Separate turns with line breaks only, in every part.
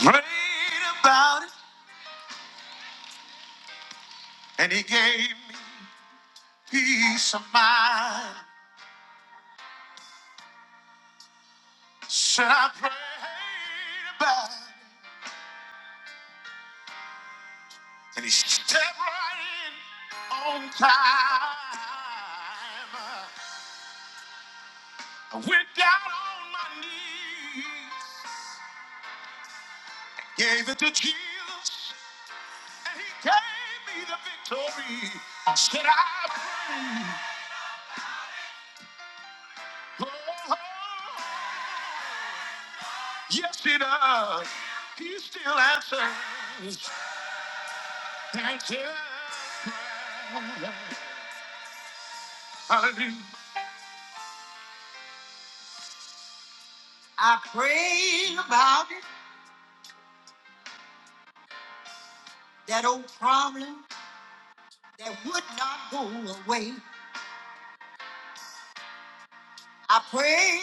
Prayed about it, and he gave me peace of mind. Said I prayed about it, and he stepped right in on time. I went down on my knees, gave it to Jesus, and he gave me the victory. Said I prayed, oh, yes he does. He still answers. I pray about it, that old problem that would not go away. I pray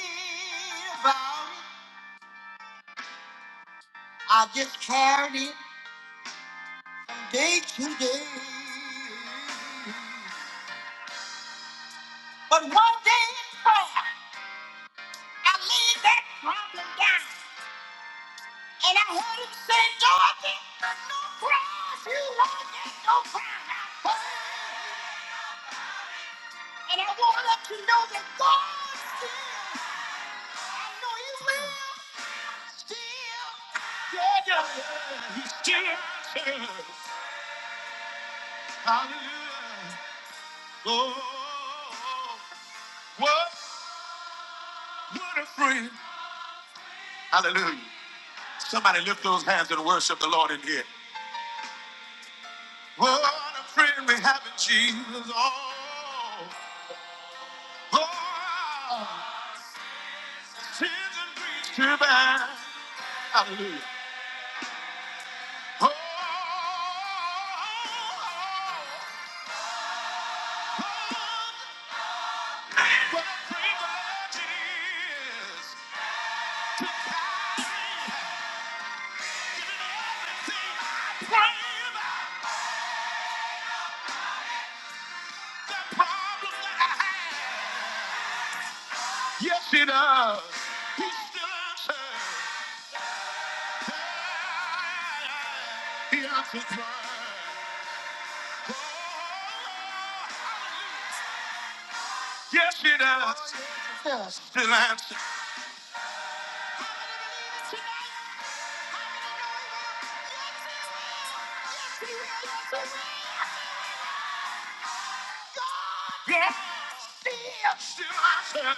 about it. I just carried it day to day. But one day in prayer, I laid that problem down. And I heard him say, Dorothy, no cross, you won't get no crown. I prayed. And I want us to know that God is still, I know He will heal. He still answers. Hallelujah. Oh, what, what a friend. Hallelujah. Somebody lift those hands and worship the Lord in here. What a friend we have in Jesus. Oh, oh sins and griefs to bear. Hallelujah. Oh, Oh, oh, What a privilege it is. Everything I pray about, the problem I have. Yes, he does. He still answers. He answers mine. Oh, Yes, he does. Yes. Still answers. Yes, yes, to myself. I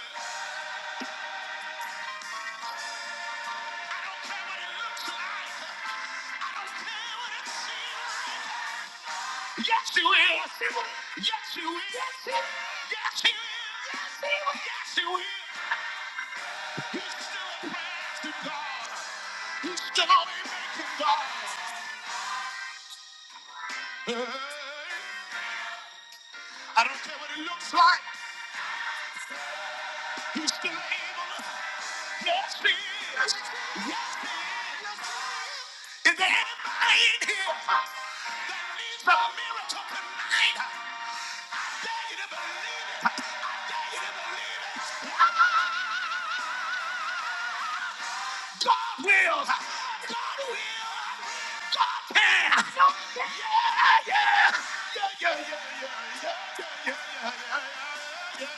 don't care what it looks like. I don't care what it seems like. Yes, you will. Yes, you will. Yes, you will. Yes, you will. Yes, you will. Yes, you will. He's still a praise to God. He's still a way making God. Hey. I don't care what it looks like. He's still able. Yes, he is. Yes, he is. Is there anybody in here that needs a miracle tonight? I dare you to believe it. I dare you to believe it. God will. God will. God can. Yeah, yeah. Yeah, yeah, yeah, yeah, yeah, yeah, yeah, yeah, yeah, yeah,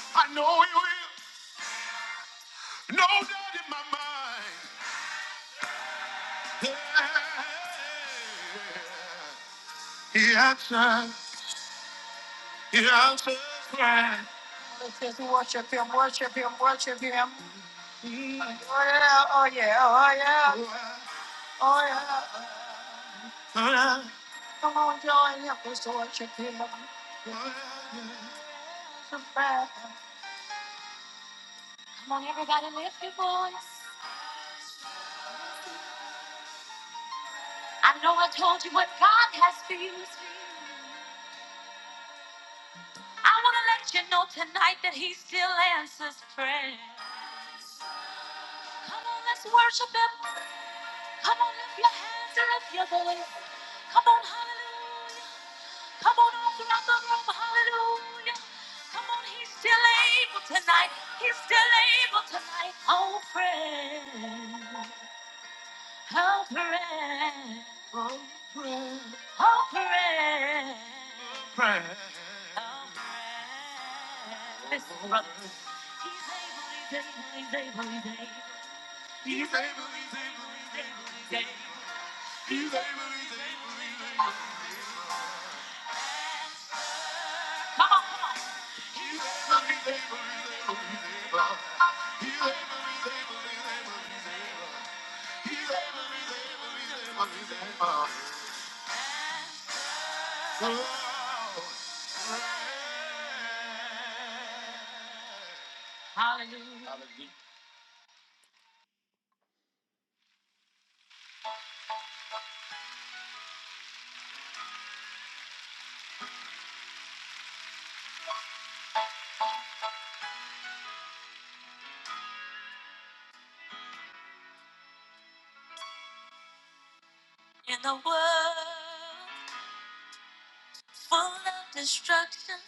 yeah. I know he will. No doubt in my mind. He answers. He answered. prayer. Just worship him, worship him, worship him. Oh yeah, oh yeah, oh yeah. Oh yeah. Oh, yeah. Come on, join him, just worship him. Oh, yeah. Worship him. Come on, everybody, lift your voice. I know I told you what God has for you. I want to let you know tonight that he still answers prayer. Come on, let's worship him. Come on, lift your hands and lift your voice. Come on, hallelujah. Come on, all throughout the room, hallelujah. Come on, he's still able tonight. He's still able tonight. Oh, pray. Oh, pray. Oh, pray. Pray. Come on, come on. Hallelujah. In a world full of destruction,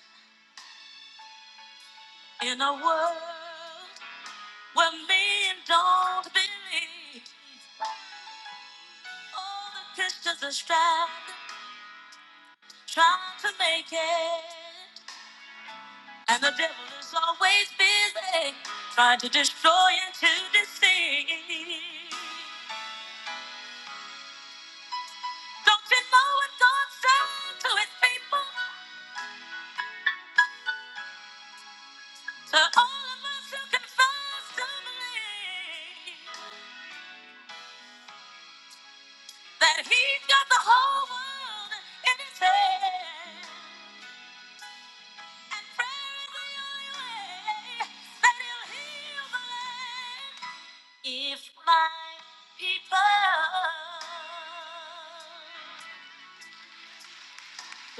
in a world where men don't believe, all the Christians are striving, trying to make it. And the devil is always busy trying to destroy and to deceive. Don't you know what God said to his people? To all of us who confess to believe that he's got the whole world in his hand. If my people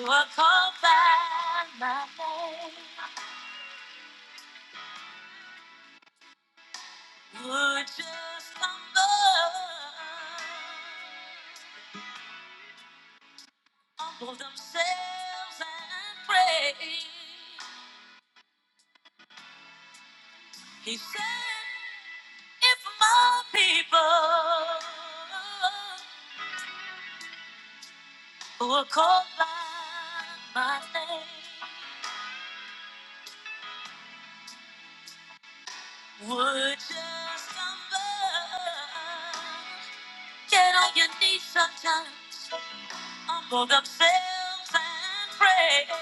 were called by my name, would just humble, humble themselves and pray. He said, if my people who are called by my name would just stumble. Get on your knees sometimes, humble themselves and pray.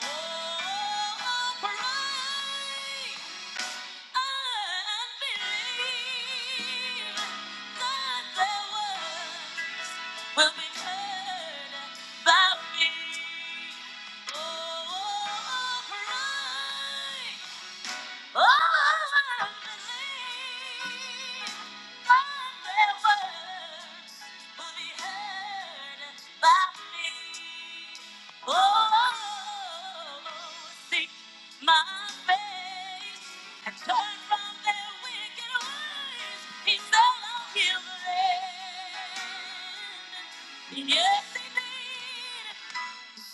About me, Oh, Oh, pray. Yes, indeed.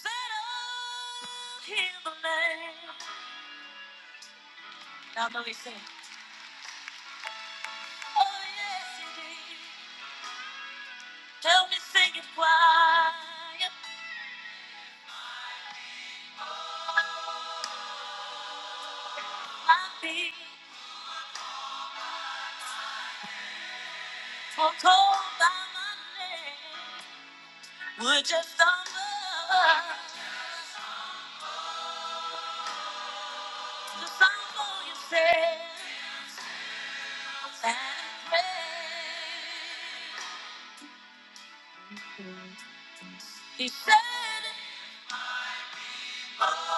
Settle him, the land. Now, know he said. Oh, yes, it is. Tell me, sing it quiet. My feet were cold by my name. Would just stumble to stumble yourself and pray? He said. it.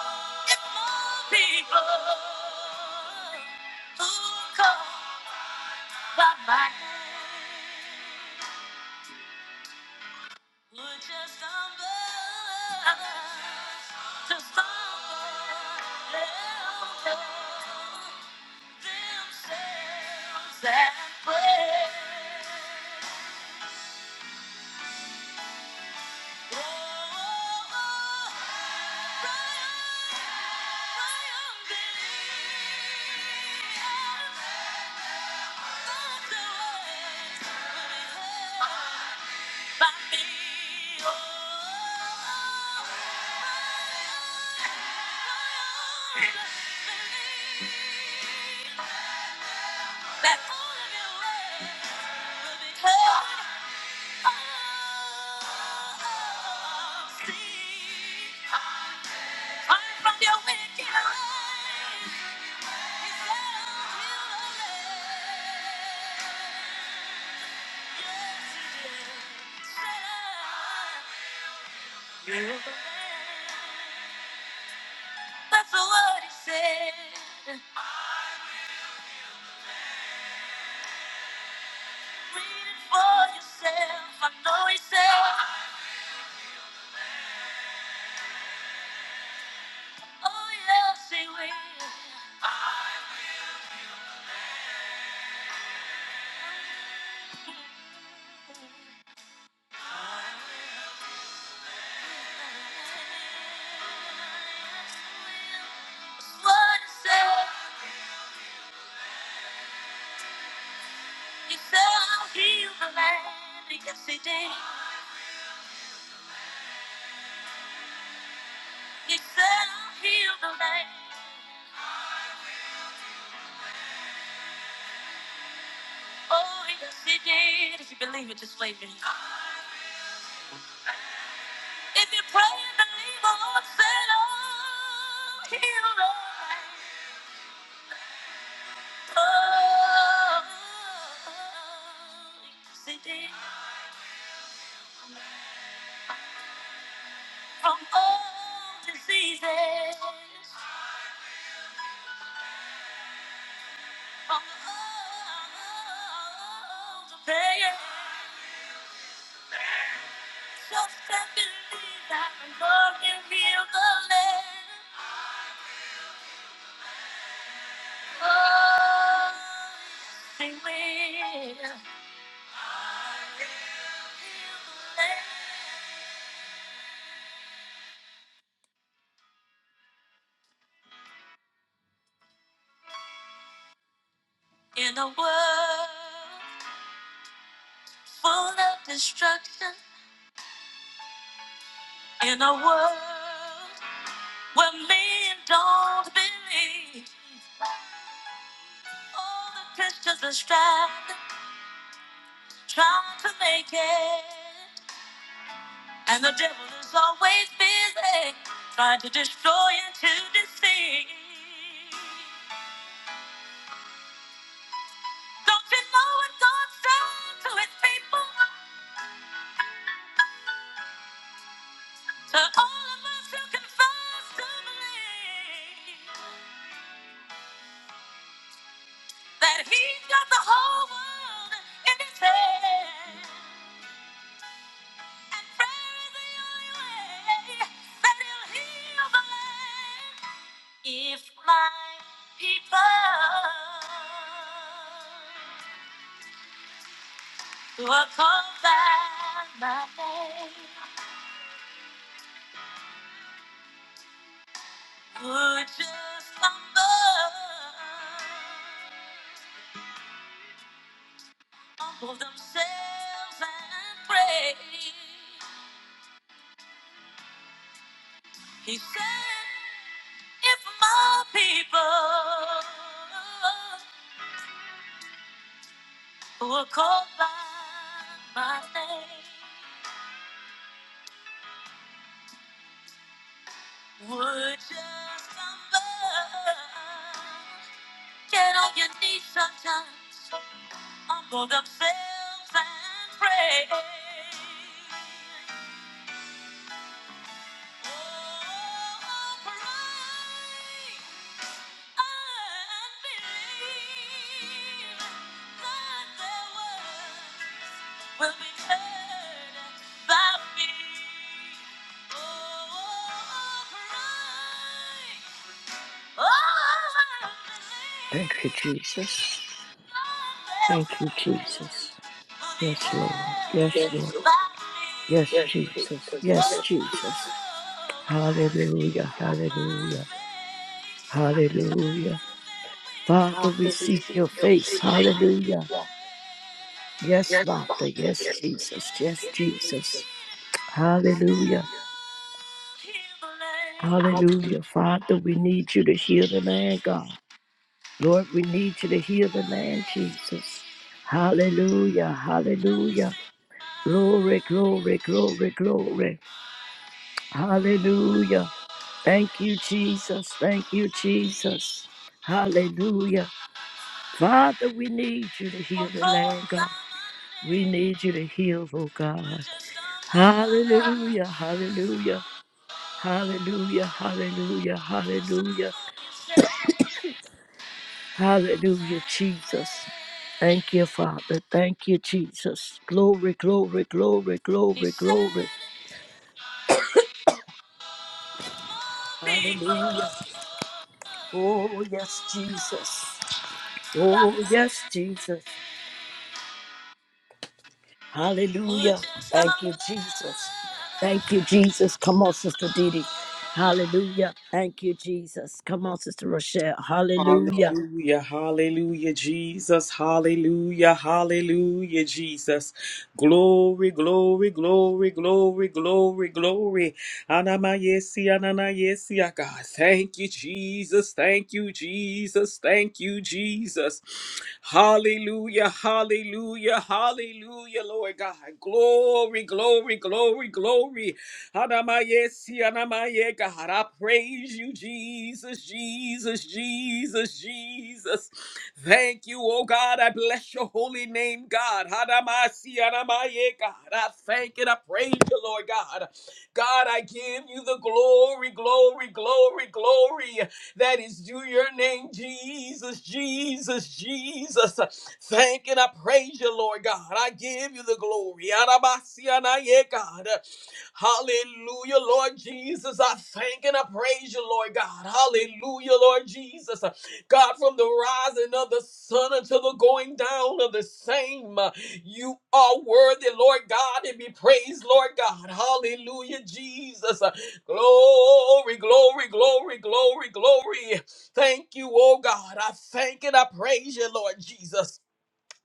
People who call by my name would just stumble, just stumble and tell themselves and pray. That all of your words will be heard. That's what he said. Read it for yourself. I know he said. Oh yes, he will. What he said, he said I'll heal the land. Yes, he did. He said I'll heal the land. Oh, yes, he did. If you believe it, just wave your If you pray and believe, the Lord said I'll heal the land. Oh, yes, he did. From all diseases. I'm old to pay it. Just can't believe that I'm walking real the land. Oh, I will. In a world full of destruction, in a world where men don't believe, all the Christians are striving. trying to make it. And the devil is always busy, trying to destroy and to deceive. Don't you know what God said to his people? To all of us who confess to believe that he's got the whole world in his hand. If my people who are called by my name would just humble, humble themselves and pray, he said, if my people who are called by my name would just stumble. Get all you need sometimes, humble themselves and pray. Will be heard by me. Oh, pray. Oh, I
Thank you,
believe.
Jesus. Thank you, Jesus. Yes, Lord. Yes,
Yes,
Lord.
Lord.
Yes,
Yes,
Jesus.
Jesus.
Yes,
Yes,
Jesus.
Jesus.
Hallelujah.
Hallelujah.
Hallelujah. Hallelujah.
Hallelujah. Father,
Father, we
we
seek
seek
your
your
face.
face.
Hallelujah.
Hallelujah.
Yes,
Yes,
Father.
Father. Yes,
Yes,
yes,
Jesus. Yes,
Jesus.
Jesus. Hallelujah.
Hallelujah.
Hallelujah. Father, we need you to heal the land, God. Lord, we need you to heal the land, Jesus. Hallelujah. Hallelujah. Glory, glory, glory, glory. Hallelujah. Thank you, Jesus. Thank you,
Hallelujah.
Jesus. Hallelujah. Father, we need you to
Or
heal the
called
land,
by
God.
my
We need
name,
you to heal, oh
but
God.
just stumble,
Hallelujah.
just
Hallelujah. Hallelujah. Hallelujah. Hallelujah.
stumble, you said, and
Hallelujah, Jesus.
pray.
Thank you, Father. Thank you, Jesus. Glory, glory, glory,
He
glory, glory.
said, if more people
Hallelujah. Oh,
who
yes,
are
Jesus.
called by
Oh,
my
yes, Jesus.
name would
Hallelujah.
just
Thank you,
stumble,
Jesus. Thank you, Jesus. Come on, Sister Didi.
stumble.
Hallelujah. Thank you, Jesus. Come on, Sister Rochelle. Hallelujah.
Hallelujah, hallelujah, Jesus, hallelujah, hallelujah, Jesus. Glory, glory, glory, glory, glory, glory. Anamayesi, ananayesi, ah, God. Thank you, Jesus, thank you, Jesus, thank you, Jesus. Hallelujah, hallelujah. Hallelujah, hallelujah, Lord God. Glory, glory, glory, glory. Hanamaye, sianamaye, God. I praise you, Jesus, Jesus, Jesus, Jesus. Thank you, oh God. I bless your holy name, God. Hanamaye, sianamaye, God. I thank and I praise you, Lord God. God, I give you the glory, glory, glory, glory that is due your name, Jesus, Jesus, Jesus. Thank and I praise you, Lord God. I give you the glory. Arabasianaye, God. Hallelujah, Lord Jesus. I thank and I praise you, Lord God. Hallelujah, Lord Jesus. God, from the rising of the sun until the going down of the same, you are worthy, Lord God, and be praised, Lord God. Hallelujah, Jesus. Glory, glory, glory, glory, glory. Thank you, oh God. I thank and I praise you, Lord Jesus.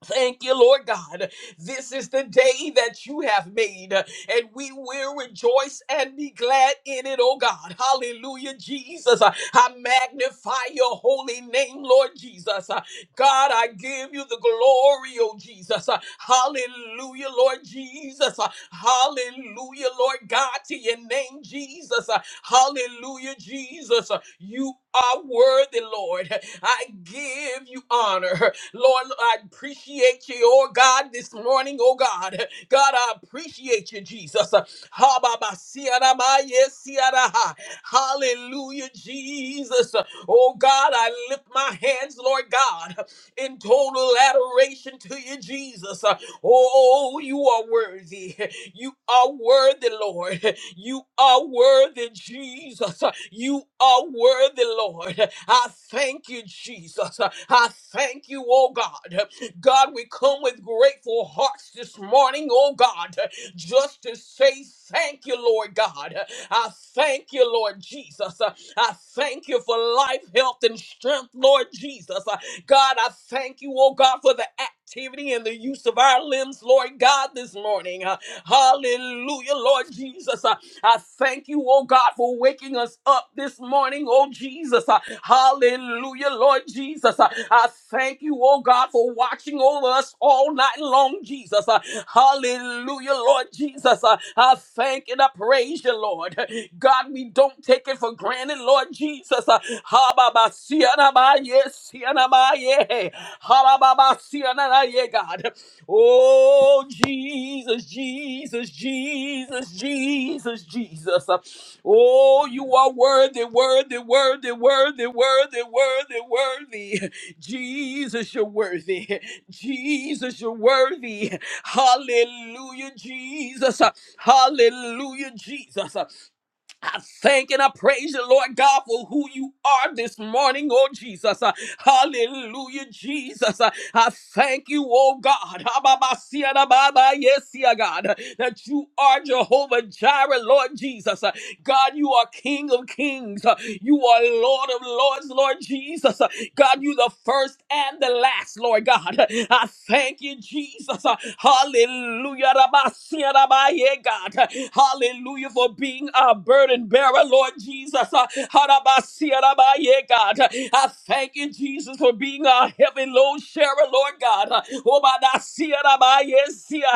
Thank you, Lord God. This is the day that you have made, and we will rejoice and be glad in it, oh God. Hallelujah, Jesus. I I magnify your holy name, Lord Jesus. Uh, God, I give you the glory, oh Jesus. Uh, Hallelujah, Lord Jesus. Uh, Hallelujah, Lord God, to your name, Jesus. Uh, Hallelujah, Jesus. Uh, You are worthy, Lord. I give you honor. Lord, I appreciate you, oh God, this morning, oh God. God, I appreciate you, Jesus. Ha, ba, ba, si, ya, da, ba, ye, si, ya, da, ha. Hallelujah, Jesus. Oh God, I lift my hands, Lord God, in total adoration to you, Jesus. Oh, you are worthy. You are worthy, Lord. You are worthy, Jesus. You are worthy, Lord. I thank you, Jesus. I thank you, oh God. God, we come with grateful hearts this morning, oh God, just to say thank you, Lord God. I thank you, Lord Jesus. I thank you for life, health, and strength, Lord Jesus. God, I thank you, oh God, for the activity and the use of our limbs, Lord God, this morning. Uh, hallelujah, Lord Jesus. Uh, I thank you, oh God, for waking us up this morning, oh Jesus. Uh, hallelujah, Lord Jesus. Uh, I thank you, oh God, for watching over us all night long, Jesus. Uh, hallelujah, Lord Jesus. Uh, I thank and I praise you, Lord. God, we don't take it for granted, Lord Jesus. Uh, ha, ba, ba, si, ya, na, ba, ye, si, ya, na, ba, ye. Ha, ba, ba, ba, si, ya, na, na, ye, God. Oh, Jesus, Jesus, Jesus, Jesus, Jesus. Uh, Oh, you are worthy, worthy, worthy, worthy, worthy, worthy, worthy. Jesus, you're worthy. Jesus, you're worthy. Hallelujah, Jesus. Hallelujah, Jesus. I thank and I praise you, Lord God, for who you are this morning, oh Jesus. Hallelujah, Jesus. I thank you, oh God. Hababasiadababa, Yes, yeah, God, that you are Jehovah Jireh, Lord Jesus. God, you are King of kings. Uh, You are Lord of lords, Lord Jesus. Uh, God, you the first and the last, Lord God. Uh, I thank you, Jesus. Uh, Hallelujah. Rabasia, rabaye, God. Uh, Hallelujah for being our burden bearer, Lord Jesus. Uh, Harabasia, rabaye, God. Uh, I thank you, Jesus, for being our heavy load sharer, Lord God. Uh, Obadasia, rabaye, sia.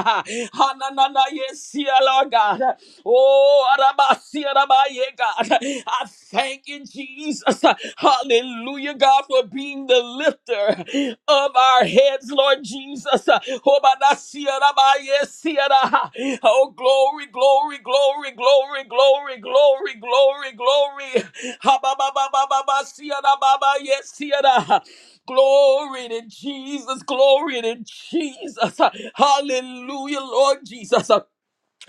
Hananana, yes, sia, Lord God. Oh, Arabasi, Arabaye, God. I thank you, Jesus. Hallelujah, God, for being the lifter of our heads, Lord Jesus. Oh, Badasi, Arabaye, Siara. Oh, glory, glory, glory, glory, glory, glory, glory, glory. Ha, ba, ba, ba, ba, ba, ba, Siara, ba, ba, yes, Siara. Glory to Jesus. Glory to Jesus. Hallelujah, Lord Jesus.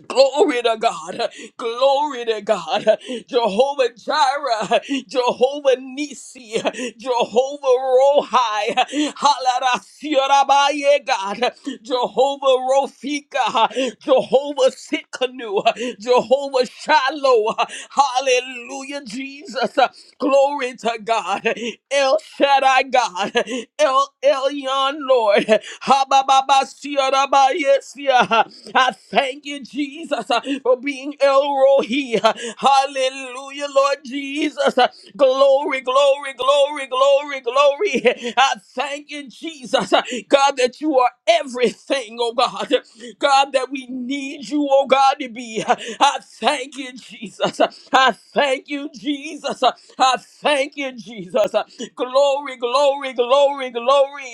Glory to God. Glory to God. Jehovah Jireh, Jehovah Nisi, Jehovah Rohi, Halarasiarabaye God, Jehovah Rofika, Jehovah Sitkanu, Jehovah Shiloh. Hallelujah, Jesus. Glory to God. El Shaddai God. El Elyon Lord. Ha ba ba ba sia da ba yes, yeah. I thank you, Jesus, uh, for being El Rohi. Hallelujah, Lord Jesus. Glory, glory, glory, glory, glory. I thank you, Jesus, uh, God, that you are everything, oh God. God, that we need you, oh God, to be. I thank you, Jesus. I thank you, Jesus. I thank you, Jesus. Glory, glory, glory, glory.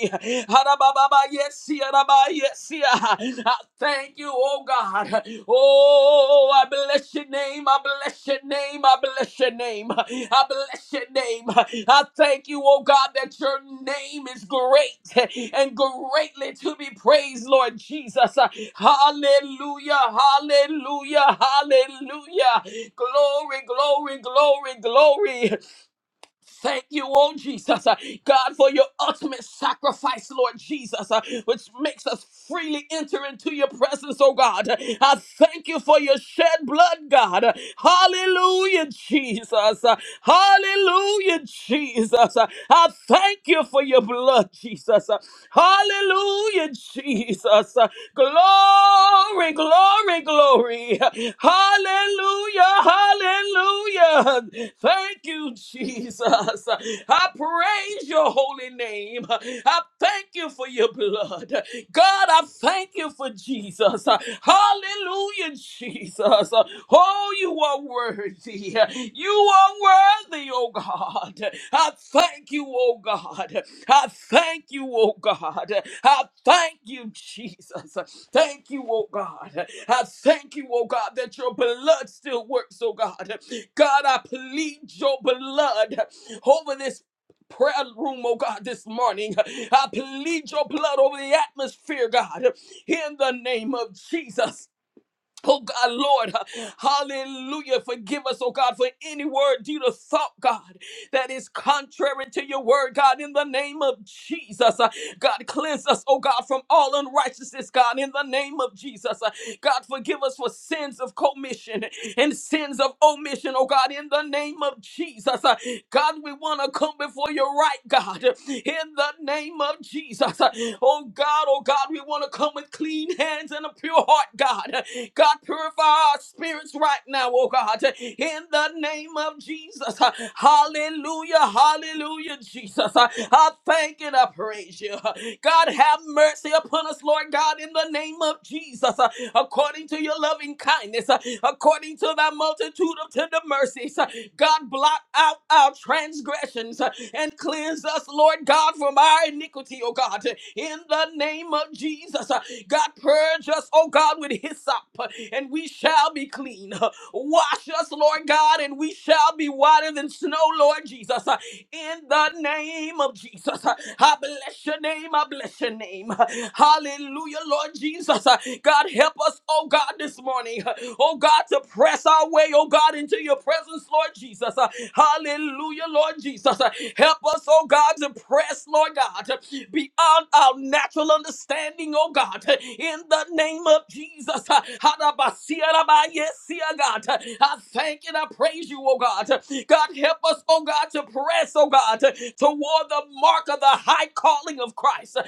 Harababa, Yes, yaraba, yes, ya. I thank you, oh God. Oh, I bless your name. I bless your name. I bless your name. I bless your name. I thank you, oh God, that your name is great and greatly to be praised, Lord Jesus. Hallelujah, hallelujah, hallelujah. Glory, glory, glory, glory. Thank you, oh Jesus, uh, God, for your ultimate sacrifice, Lord Jesus, uh, which makes us freely enter into your presence, oh God. I thank you for your shed blood, God. Hallelujah, Jesus. Uh, Hallelujah, Jesus. Uh, I thank you for your blood, Jesus. Uh, Hallelujah, Jesus. Uh, Glory, glory, glory. Hallelujah, hallelujah. Thank you, Jesus. I praise your holy name. I thank you for your blood. God, I thank you for Jesus. Hallelujah, Jesus. Oh, you are worthy. You are worthy, oh God. I thank you, oh God. I thank you, oh God. I thank you, Jesus. Thank you, oh God. I thank you, oh God, that your blood still works, oh God. God, I plead your blood over this prayer room, oh God, this morning. I plead your blood over the atmosphere, God, in the name of Jesus. Oh God, Lord, hallelujah. Forgive us, oh God, for any word, deed, or thought, God, that is contrary to your word, God, in the name of Jesus. God, cleanse us, oh God, from all unrighteousness, God, in the name of Jesus. Uh, God, forgive us for sins of commission and sins of omission, oh God, in the name of Jesus. Uh, God, we want to come before you right, God, in the name of Jesus. Uh, Oh God, oh God, we want to come with clean hands and a pure heart, God. God, purify our spirits right now, oh God, in the name of Jesus. Uh, Hallelujah, hallelujah, Jesus. Uh, I thank and I praise you. God, have mercy upon us, Lord God, in the name of Jesus, uh, according to your loving kindness, uh, according to thy multitude of tender mercies. uh, God, blot out our transgressions uh, and cleanse us, Lord God, from our iniquity, oh God, in the name of Jesus. uh, God, purge us, oh God, with hyssop, uh, and we shall be clean. uh, Wash us, Lord God, and we shall be whiter than snow, Lord Jesus. uh, in the name of Jesus. Jesus. I bless your name. I bless your name. Hallelujah, Lord Jesus. God, help us, oh God, this morning. Oh God, to press our way, oh God, into your presence, Lord Jesus. Hallelujah, Lord Jesus. Help us, oh God, to press, Lord God, beyond our natural understanding, oh God, in the name of Jesus. Hadabasiyarabayesia, God. I thank and I praise you, oh God. God, help us, oh God, to press, oh God, toward for the mark of the high calling of Christ.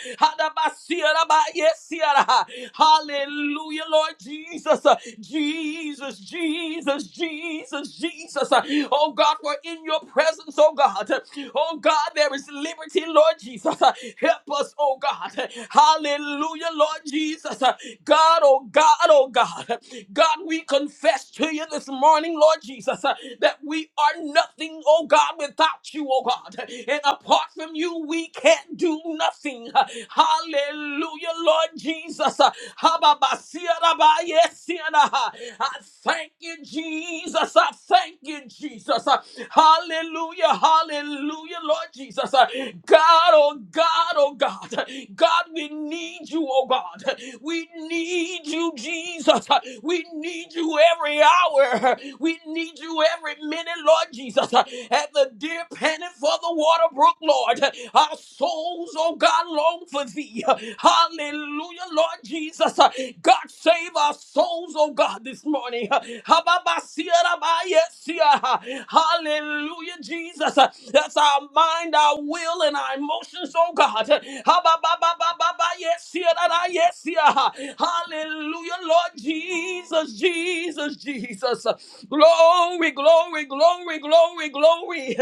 Hallelujah, Lord Jesus. Jesus, Jesus, Jesus, Jesus. Oh God, we're in your presence, oh God. Oh God, there is liberty, Lord Jesus. Help us, oh God. Hallelujah, Lord Jesus. God, oh God, oh God. God, we confess to you this morning, Lord Jesus, that we are nothing, oh God, without you, oh God. And apart from you, we can't do nothing. Hallelujah, Lord Jesus. Hababasiyarabayesiyana. I thank you, Jesus. I thank you, Jesus. Hallelujah, hallelujah, Lord Jesus. God, oh God, oh God. God, we need you, oh God. We need you, Jesus. We need you every hour. We need you every minute, Lord Jesus. At the dear panting it for the water brook, Lord. Our souls, oh God, long for thee. Hallelujah, Lord Jesus. God, save our souls, oh God, this morning. Hallelujah, Jesus. That's our mind, our will, and our emotions, oh God. Hallelujah, Lord Jesus, Jesus, Jesus. Glory, glory, glory, glory, glory.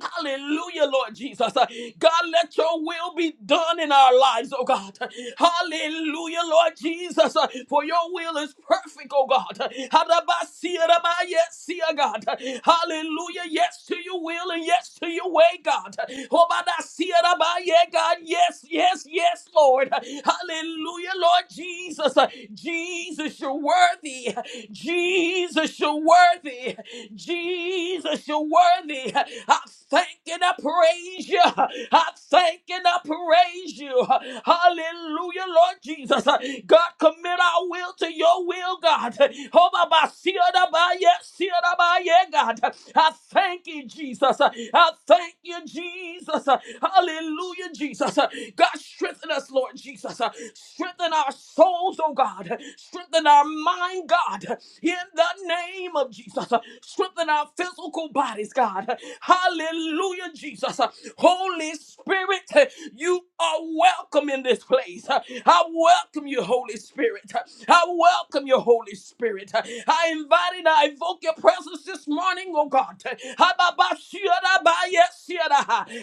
Hallelujah, Lord Jesus. Uh, God, let your will be done in our lives, oh God. Hallelujah, Lord Jesus. Uh, For your will is perfect, oh God. Hadabasia ramayesia, God. Hallelujah. Yes to your will and yes to your way, God. Hobadasia ramaye, God. Yes, yes, yes, Lord. Hallelujah, Lord Jesus. Uh, Jesus, you're worthy. Jesus, you're worthy. Jesus, you you're worthy. I thank and I praise you. I thank and I praise you. Hallelujah, Lord Jesus. God, commit our will to your will, God. Oh, my, my, see it, my, yeah, see it, my, yeah, God. I thank you, Jesus. I thank you, Jesus. Hallelujah, Jesus. God, strengthen us, Lord Jesus. Strengthen our souls, oh God. Strengthen our mind, God. In the name of Jesus. Strengthen our physical bodies, God. Hallelujah, Jesus. Holy Spirit, you are welcome in this place. I welcome you, Holy Spirit. I welcome you, Holy Spirit. I invite and I invoke your presence this morning, oh God.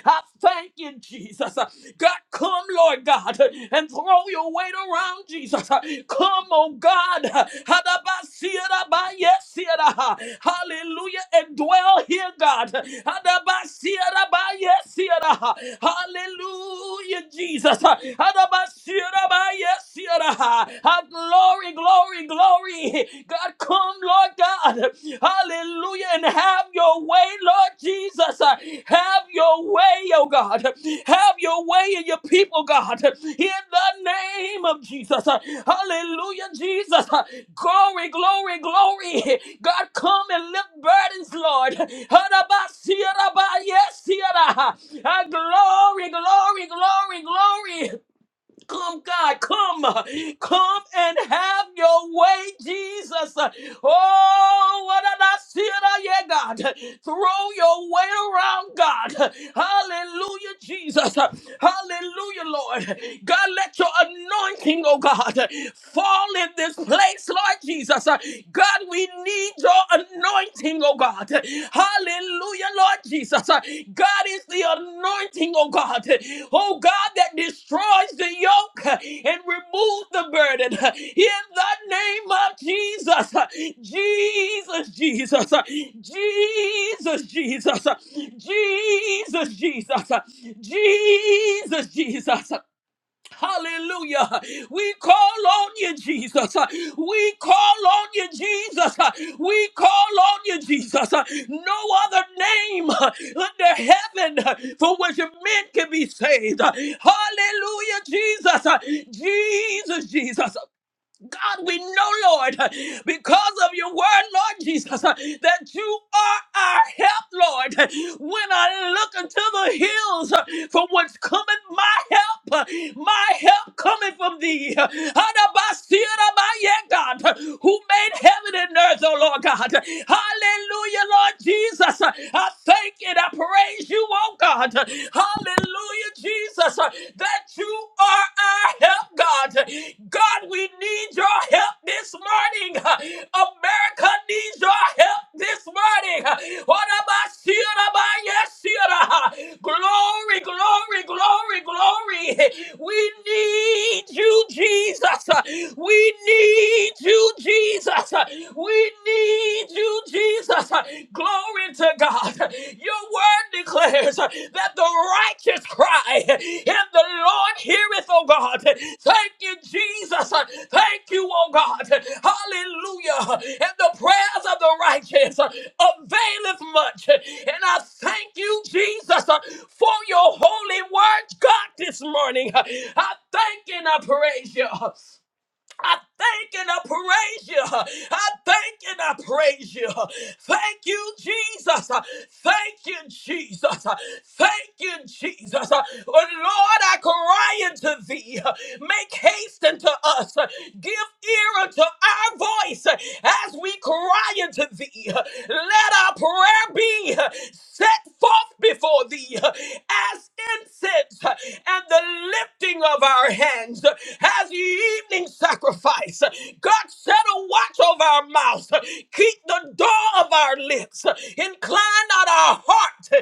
I thank you, Jesus. God, come, Lord God, and throw your weight around, Jesus. Come, oh God. Adabasiarabayesiara. Hallelujah. And dwell here, God. Adabasiarabayesiara. Hallelujah, Jesus. Adabasiarabayesiara. Ah, Glory, glory, glory. God, come, Lord God. Hallelujah. And have your way, Lord Jesus. Ah, Have your way, oh God. Have your way in your people, God. In the name of Jesus. Ah, Hallelujah, Jesus. Glory, glory, glory. God, come and lift burdens, Lord. Hadabasiraba, Yes, Sierra. Ah, Glory, glory, glory, glory. Come, God, come, uh, come and have your way, Jesus. Oh, what did I see it? Oh, yeah, God. Throw your way around, God. Hallelujah, Jesus. Hallelujah, Lord. God, let your anointing, oh God, fall in this place, Lord Jesus. God, we need your anointing anointing, oh God. Hallelujah, Lord Jesus. God is the anointing, oh God. Oh God, that destroys the yoke and removes the burden. In the name of Jesus. Jesus, Jesus. Jesus, Jesus. Jesus, Jesus. Jesus, Jesus. Hallelujah. We call on you, Jesus. We call on you, Jesus. We call on you, Jesus. No other name under heaven for which men can be saved. Hallelujah, Jesus. Jesus, Jesus. God, we know, Lord, because of your word, Lord Jesus, that you are our help, Lord. When I look into the hills from whence cometh my help, my help coming from thee. Adabasirabaye, God, who made heaven and earth, oh Lord God. Hallelujah, Lord Jesus. I thank you and I praise you, oh God. Hallelujah. Hallelujah, Jesus, uh, that you are our help, God. God, we need your help this morning. Uh, America needs your help this morning. Uh, What about Sierra? Ba- Yes, Sierra. Uh, Glory, glory, glory, glory. We need you, Jesus. Uh, We need you, Jesus. Uh, We need you, Jesus. Jesus. Glory to God. Your word declares that the righteous cry and the Lord heareth, oh God. Thank you, Jesus. Thank you, oh God. Hallelujah. And the prayers of the righteous availeth much. And I thank you, Jesus, for your holy word, God, this morning. I thank and I praise you. I thank and I praise you. I thank and I praise you. Thank you, Jesus. Thank you, Jesus. Thank you, Jesus. Oh, Lord, I cry unto thee. Make haste unto us. Give ear unto our voice as we cry into thee. Let our prayer be set forth before thee as incense and the lifting of our hands as the evening sacrifice. God set a watch over our mouths, Keep the door of our lips. Incline not our heart.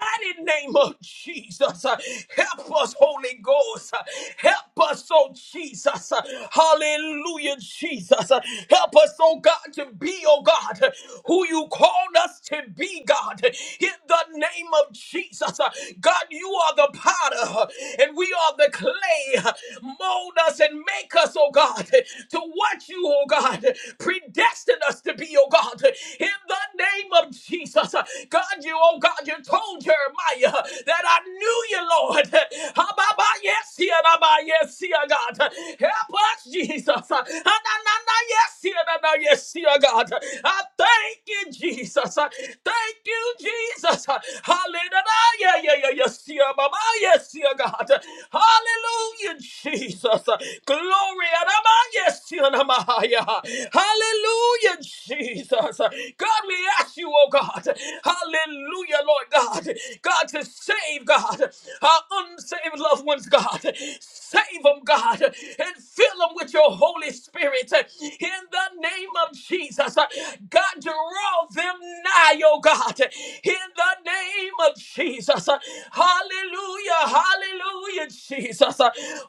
mighty name of Jesus. Uh, Help us, Holy Ghost. Uh, Help us, oh Jesus. Uh, Hallelujah, Jesus. Uh, Help us, oh God, to be, oh God, uh, who you called us to be, God. In the name of Jesus. Uh, God, you are the potter uh, and we are the clay. Uh, Mold us and make us, oh God, uh, to what you, oh God, uh, predestined us to be, oh God. In the name of Jesus. Jesus. God, you, oh God, you told Jeremiah that I knew you, Lord. Ababa, Yes, yeah, ababa, yes, yeah, God. Help us, Jesus. Ananana, Yes, yeah, anana, yes, yeah, God. I thank you, Jesus. Thank you, Jesus. Hallelujah. Yeah, yeah, yeah, yes, yeah, Baba, yes, yeah, God. Hallelujah, Jesus. Glory, Adama, yes, here, ababa, yeah, Namahaya. Hallelujah, Jesus. God, we ask you, oh God, hallelujah, Lord God, God, to save, God, our unsaved loved ones, God. Save them, God, and fill them with your Holy Spirit in the name of Jesus. God, draw them nigh, oh God, in the name of Jesus. Hallelujah, hallelujah, Jesus.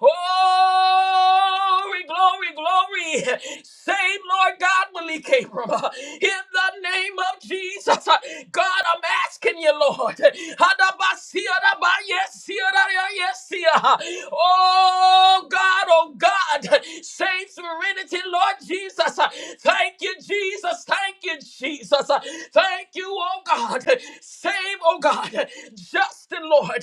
Oh, glory, glory, glory. Same Lord God, Malik Abram, uh, in the name of Jesus. uh, God, I'm asking you, Lord. Hadabasia, dabayesia, dadayesia. Oh, God, oh, God. Same serenity, Lord Jesus. uh, Thank you, Jesus. Thank you, Jesus. uh, Thank you, oh, God. Same, oh, God. Justin, Lord.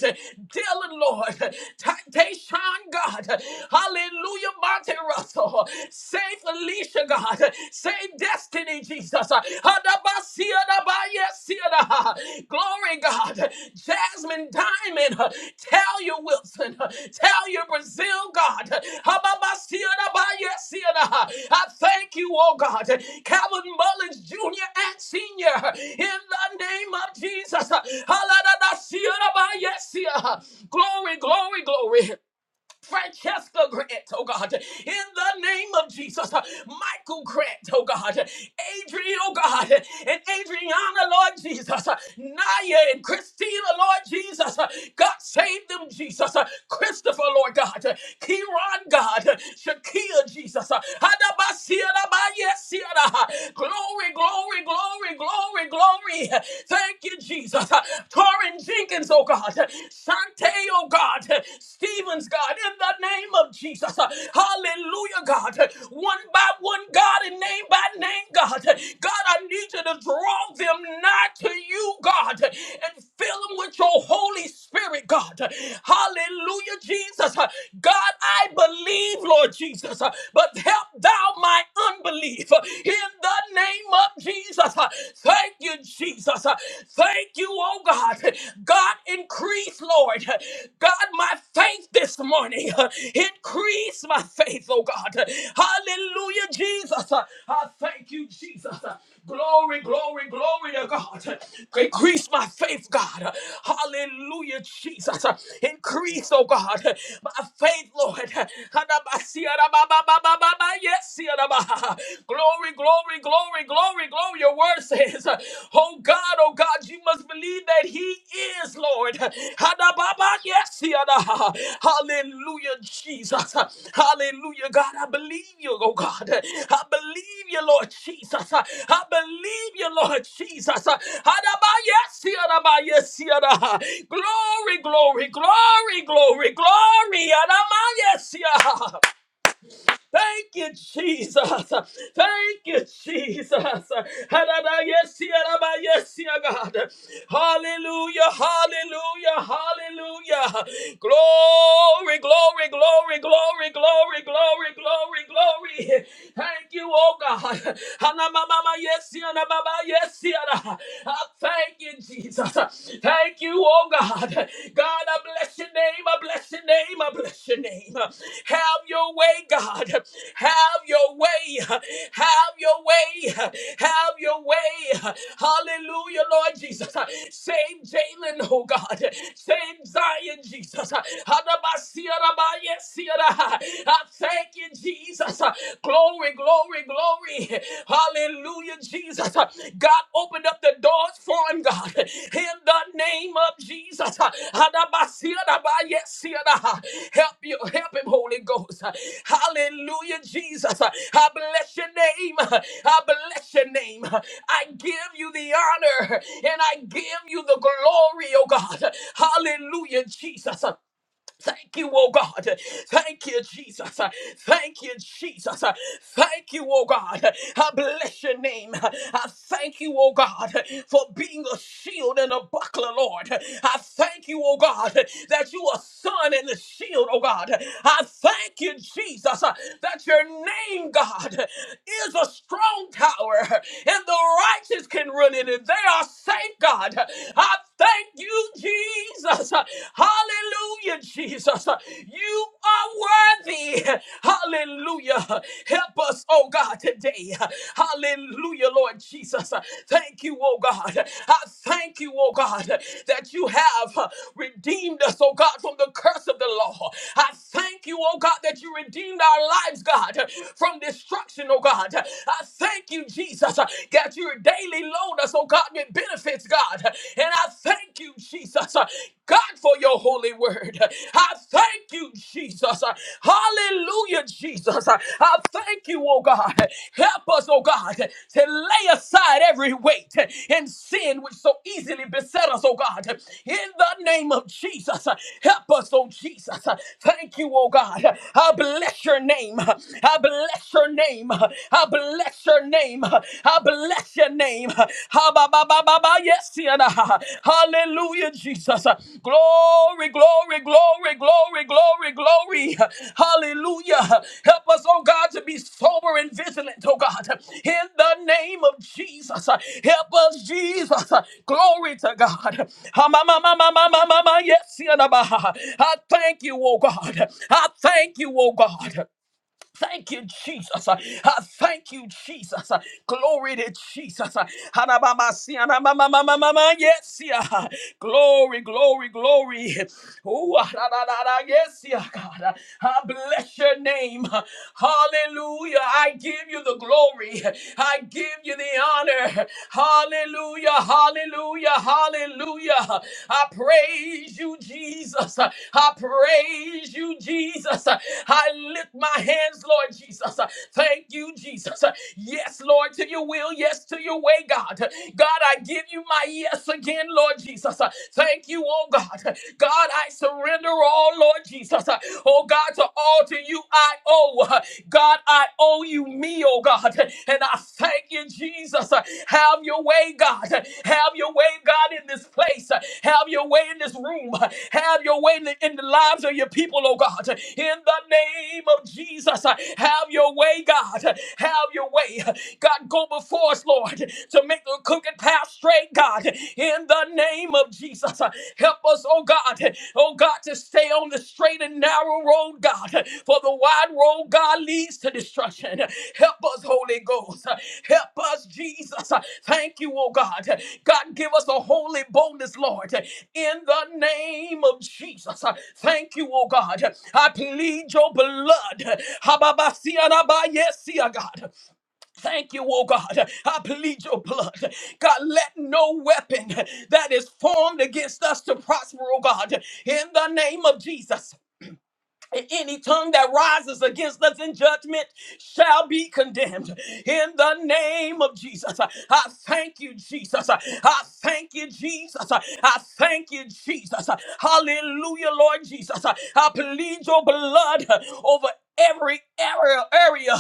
Dylan, Lord. Ta- Tayshawn, God. Hallelujah. Monte Russell. Save Alicia, God. Save Destiny, Jesus. Hadabasia dabaya sia da. Glory, God. Jasmine Diamond. Tell your Wilson. Tell your Brazil, God. Hababasia dabaya sia da. I thank you, oh God. Calvin Mullins Jr. and Sr. In the name of Jesus. Haladasia dabaya sia. Glory, glory, glory. Francesca Grant, oh God, in the name of Jesus, uh, Michael Grant, oh God, Adrian, oh God, and Adriana, Lord Jesus, uh, Naya and Christina, Lord Jesus, uh, God save them, Jesus, uh, Christopher, Lord God, Kiran, God, Shakia, Jesus, Hadabasiadabayesiada. glory, glory, glory, glory, glory, thank you, Jesus, uh, Torrin Jenkins, oh God. God. Sante, oh God. Stevens, God, in the name of Jesus. Hallelujah, God. One by one, God, and name by name, God. God, I need you to draw them nigh to you, God, and fill them with your Holy Spirit, God. Hallelujah, Jesus. God, I believe, Lord Jesus, but help thou my unbelief in the name of Jesus. Thank you, Jesus. Uh, Thank you, oh God. God, increase, Lord. God, my faith this morning. Uh, Increase my faith, oh God. Hallelujah, Jesus. Uh, I thank you, Jesus. Uh, Glory, glory, glory to God. Increase my faith, God. Hallelujah, Jesus. Increase, oh God, my faith, Lord. Yes, Lord. Glory, glory, glory, glory, glory. Your word says, Oh God, oh God, you must believe that He is Lord. Hadababa, Yes, yada. Hallelujah, Jesus. Hallelujah, God. I believe you, oh God. I believe you, Lord Jesus. I believe you, Lord Jesus. Hadaba, Yes, yadaba, yes, yada. Glory, glory, glory, glory, glory. adama Yes, yeah. Thank you, Jesus. Thank you, Jesus. Hadada, Yes, Yaraba, yes, ya God. Hallelujah, hallelujah, hallelujah. Glory, glory, glory, glory, glory, glory, glory, glory. Thank you, oh God. Hanamama, yes, Yanababa, yes, Yana. I Thank you, Jesus. Thank you, you, oh God. God, I bless your name. I bless your name. I bless your name. Have your way, God. Have your way. Have your way. Have your way. Hallelujah, Lord Jesus. Save Jalen, oh God. Save Zion, Jesus. Hadabasiyarabayesiyara. I thank you, Jesus. Glory, glory, glory, glory. Hallelujah, Jesus. God opened up the doors for him, God. In the name of Jesus. Help you, help him, Holy Ghost. Hallelujah, Jesus. I bless your name. I bless your name. I give you the honor and I give you the glory, oh God. Hallelujah, Jesus. Thank you, oh God. Thank you, Jesus. Thank you, Jesus. Thank you, oh God. I bless your name. I thank you, oh God, for being a shield and a buckler, Lord. I thank you, oh God, that you are son and the shield, oh God. I thank you, Jesus, that your name, God, is a strong tower and the righteous can run in it. They are safe, God. I thank you you, Jesus. Hallelujah, Jesus. You are worthy. Hallelujah. Help us, oh God, today. Hallelujah, Lord Jesus. Thank you, oh God. I thank you, oh God, that you have redeemed us, oh God, from the curse of the law. I thank you, oh God, that you redeemed our lives, God, from destruction, oh God. I thank you, Jesus, that you daily load crown us, oh God, it benefits, God. And I thank you, Jesus, uh, God, for your holy word. I thank you, Jesus. Uh, Hallelujah, Jesus. Uh, I thank you, oh God. Help us, oh God, to lay aside every weight and sin which so easily beset us, oh God. In the name of Jesus, uh, help us, oh Jesus. Uh, Thank you, oh God. I bless your name. I bless your name. I bless bless your name. I bless your name. Ha, ba, ba, ba, ba, ba, Yes, Sienna. Hallelujah, Jesus. Glory, glory, glory, glory, glory, glory. Hallelujah. Help us, oh God, to be sober and vigilant, oh God. In the name of Jesus. Help us, Jesus. Glory to God. Ha, ma, ma, ma, ma, ma, ma, ma, ma, Yes, Sienna. I thank you, oh God. I thank you, oh God. Thank you, Jesus. I thank you, Jesus. Uh, Glory to Jesus. Uh, Hanabamasi, hanabamamamamama, Yes, yeah. Glory, glory, glory. Ooh, ah, da, da, da, da, Yes, yeah, God. Uh, I bless your name. Uh, Hallelujah. I give you the glory. I give you the honor. Hallelujah. Hallelujah. Hallelujah. Hallelujah. I praise you, Jesus. I praise you, Jesus. I lift my hands, Lord Jesus. Thank you, Jesus. Yes, Lord, to your will. Yes, to your way, God. God, I give you my yes again, Lord Jesus. Thank you, oh God. God, I surrender all, Lord Jesus. Oh God, to all to you I owe. God, I owe owe you me, oh God. And I thank you, Jesus. Have your way, God. Have your way, God, in this place. Have your way in this room. Have your way in the, in the lives of your people, oh God. In the name of Jesus, have your way, God. Have your way. God, go before us, Lord, to make the crooked path straight, God. In the name of Jesus, Help us, oh God, oh God, to stay on the straight and narrow road, God, for the wide road, God, leads to destruction. Help us, Holy Ghost. Help us, Jesus. Thank you, oh God. God, give us a holy boldness, Lord, in the name of Jesus. Thank you, oh God. I plead your blood. Hababasianabayesia, God. Thank you, oh God. I plead your blood. God, let no weapon that is formed against us to prosper, oh God, in the name of Jesus. Any tongue that rises against us in judgment shall be condemned in the name of Jesus. I thank you, Jesus. I thank you, Jesus. I thank you, Jesus. Hallelujah, Lord Jesus. I plead your blood over every area, area,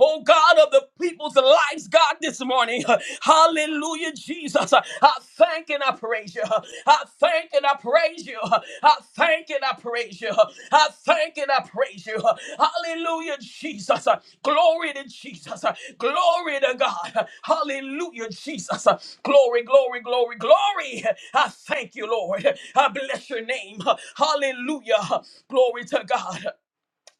oh God of the people's lives, God, this morning. Hallelujah, Jesus. I thank and I praise you. I thank and I praise you. I thank and I praise you. I thank and I praise you. Hallelujah, Jesus. Glory to Jesus. Glory to God. Hallelujah, Jesus. Glory, glory, glory, glory. I thank you, Lord. I bless your name. Hallelujah. Glory to God.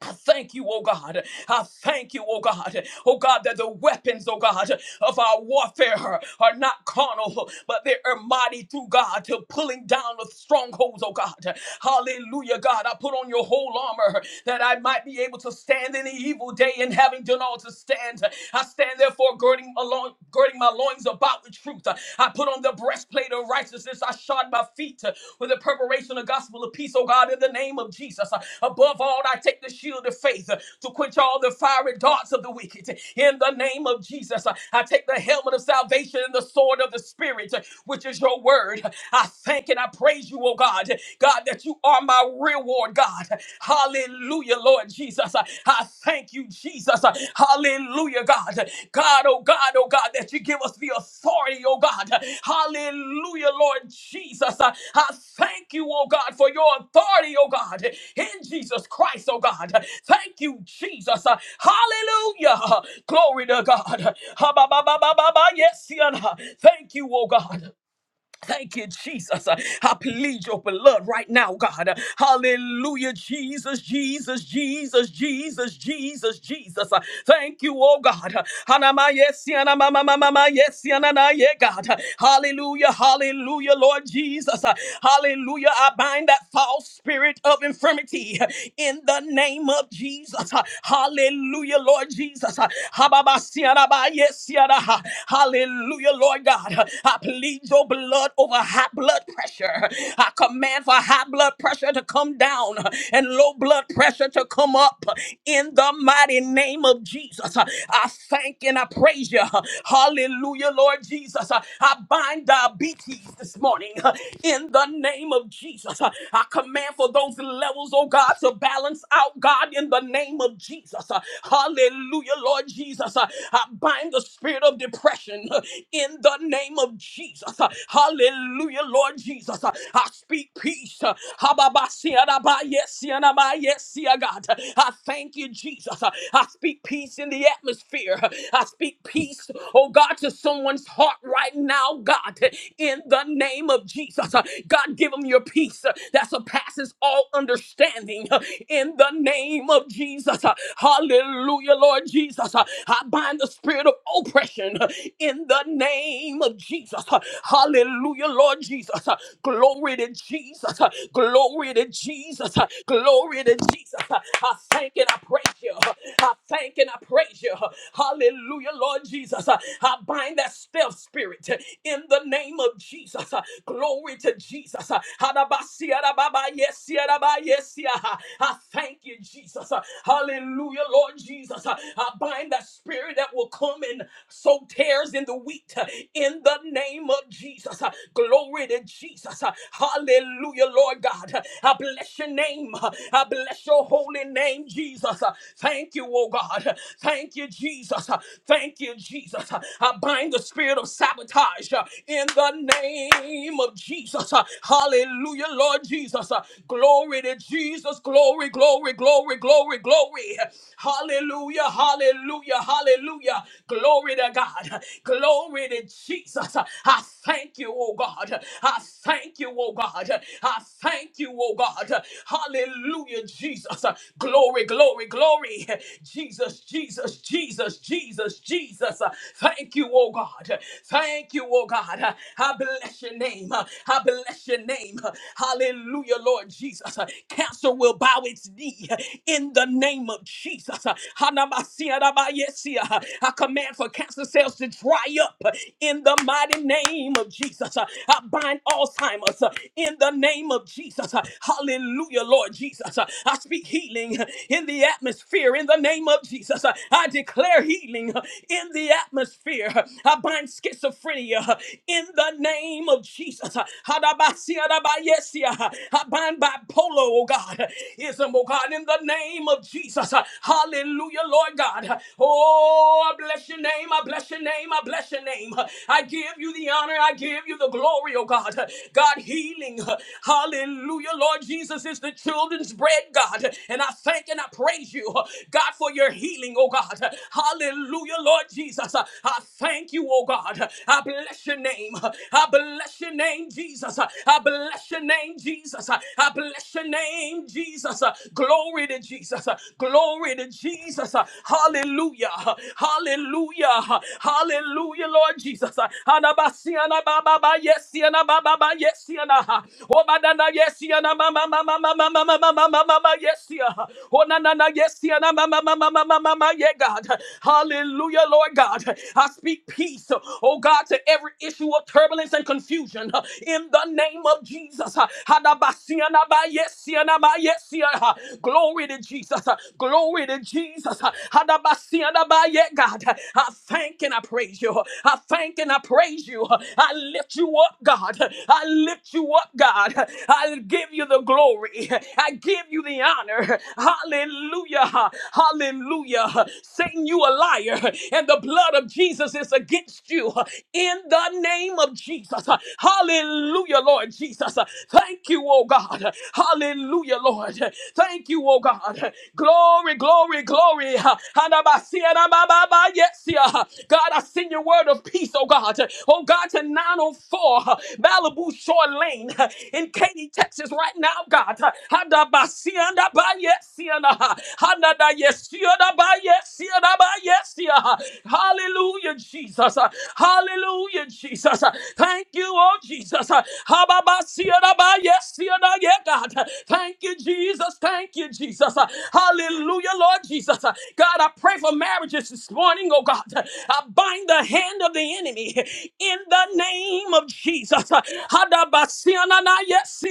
I thank you, oh God. I thank you, oh God. Oh God, that the weapons, oh God, of our warfare are not carnal, but they are mighty through God to pulling down of strongholds, oh God. Hallelujah, God. I put on your whole armor that I might be able to stand in the evil day and having done all to stand. I stand therefore girding along girding my loins about with truth. I put on on the breastplate of righteousness. I shod my feet uh, with the preparation of gospel of peace, oh God, in the name of Jesus. Uh, Above all, I take the shield of faith uh, to quench all the fiery darts of the wicked. In the name of Jesus, uh, I take the helmet of salvation and the sword of the Spirit, uh, which is your word. I thank and I praise you, oh God, God, that you are my reward, God. Hallelujah, Lord Jesus. Jesus. I thank you, Jesus. Hallelujah, God. God, oh God, oh God, that you give us the authority, oh God. Hallelujah, Lord Jesus. I thank you, oh God, for your authority, oh God, in Jesus Christ, oh God. Thank you, Jesus. Hallelujah. Glory to God. Ha, ba, ba, ba, ba, ba, ba. Yes, Yana. Thank you, oh God. Thank you, Jesus. Uh, I plead your blood right now, God. Uh, Hallelujah, Jesus, Jesus, Jesus, Jesus, Jesus, Jesus. Uh, Thank you, oh God. Uh, Hanama yesi, anama mama mama yesi, anana ye, God. Uh, Hallelujah, hallelujah, Lord Jesus. Uh, Hallelujah. I bind that false spirit of infirmity uh, in the name of Jesus. Uh, Hallelujah, Lord Jesus. Uh, Hababasi, anaba yesi, anaha. Hallelujah, Lord God. Uh, I plead your blood Lord, over high blood pressure. I command for high blood pressure to come down and low blood pressure to come up in the mighty name of Jesus. I thank and I praise you. Hallelujah, Lord Jesus. I bind diabetes this morning in the name of Jesus. I command for those levels, oh God, to balance out, God, in the name of Jesus. Hallelujah, Lord Jesus. I bind the spirit of depression in the name of Jesus. Hallelujah. Hallelujah, Lord Jesus. Uh, I speak peace. Uh, Hababasianaba, yes, yanaba, yes, ya God. Uh, I thank you, Jesus. Uh, I speak peace in the atmosphere. Uh, I speak peace, oh God, to someone's heart right now, God, Uh, in the name of Jesus. Uh, God, give them your peace uh, that surpasses all understanding uh, in the name of Jesus. Uh, Hallelujah, Lord Jesus. Uh, I bind the spirit of oppression uh, in the name of Jesus. Uh, Hallelujah. Hallelujah, Lord Jesus. Uh, Glory to Jesus. Uh, Glory to Jesus. Uh, Glory to Jesus. Uh, I thank and I praise you. Uh, I thank and I praise you. Uh, Hallelujah, Lord Jesus. Uh, I bind that stealth spirit uh, in the name of Jesus. Uh, Glory to Jesus. Uh, Hadabasiya rababa, yesiya raba, Uh, I thank you, Jesus. Uh, Hallelujah, Lord Jesus. Uh, I bind that spirit that will come and sow tares in the wheat uh, in the name of Jesus. Glory to Jesus. Hallelujah, Lord God. I bless your name. I bless your holy name, Jesus. Thank you, oh God. Thank you, Jesus. Thank you, Jesus. I bind the spirit of sabotage in the name of Jesus. Hallelujah, Lord Jesus. Glory to Jesus. Glory, glory, glory, glory, glory. Hallelujah, hallelujah, hallelujah. Glory to God. Glory to Jesus. I thank you, oh God. God. I thank you, oh God. I thank you, oh God. Hallelujah, Jesus. Glory, glory, glory. Jesus, Jesus, Jesus, Jesus, Jesus. Thank you, oh God. Thank you, oh God. I bless your name. I bless your name. Hallelujah, Lord Jesus. Cancer will bow its knee in the name of Jesus. I command for cancer cells to dry up in the mighty name of Jesus. I bind Alzheimer's uh, in the name of Jesus. Uh, Hallelujah, Lord Jesus. Uh, I speak healing uh, in the atmosphere in the name of Jesus. Uh, I declare healing uh, in the atmosphere. Uh, I bind schizophrenia uh, in the name of Jesus. Uh, Hadabasiya, Dabayesia. Uh, I bind bipolar, oh God, uh, ism, oh God, in the name of Jesus. Uh, Hallelujah, Lord God. Uh, Oh, I bless your name. I bless your name. I bless your name. Uh, I give you the honor. I give you the glory glory, oh God. God, healing, hallelujah, Lord Jesus is the children's bread, God. And I thank and I praise you, God, for your healing, oh God. Hallelujah, Lord Jesus. I thank you, oh God. I bless your name. I bless your name, Jesus. I bless your name, Jesus. I bless your name, Jesus. Glory to Jesus. Glory to Jesus. Hallelujah. Hallelujah. Hallelujah, Lord Jesus. Anabasi anababa, Yes, yesiana baba baba yesiana ha. Obadana yesiana mama mama mama mama mama mama yesia. Onanana yesiana mama mama mama mama yeah God. Hallelujah, Lord God. I speak peace, oh God, to every issue of turbulence and confusion uh, in the name of Jesus. Uh, Hadabasiana ba yesiana ba yesia, uh, Glory to Jesus. uh, Glory to Jesus. uh, Hadabasiana ba yeah God. I thank and I praise you. I thank and I praise you. I lift you up. God. I lift you up, God. I give you the glory. I give you the honor. Hallelujah. Hallelujah. Satan, you a liar, and the blood of Jesus is against you in the name of Jesus. Hallelujah, Lord Jesus. Thank you, oh God. Hallelujah, Lord. Thank you, oh God. Glory, glory, glory. Hanabasiya, nabababa, Yes, yeah. God, I send your word of peace, oh God. Oh God, to 904. Malibu Shore Lane in Katy, Texas, right now, God. Hadabasianda ba yesiana. Hanada yesiana ba yesiana ba yesia. Hallelujah, Jesus. Hallelujah, Jesus. Thank you, oh Jesus. Hababasiana ba yesiana, yeah, God. Thank you, Jesus. Thank you, Jesus. Hallelujah, Lord Jesus. God, I pray for marriages this morning, oh God. I bind the hand of the enemy in the name of Jesus. Jesus. Hadabasianana, yes,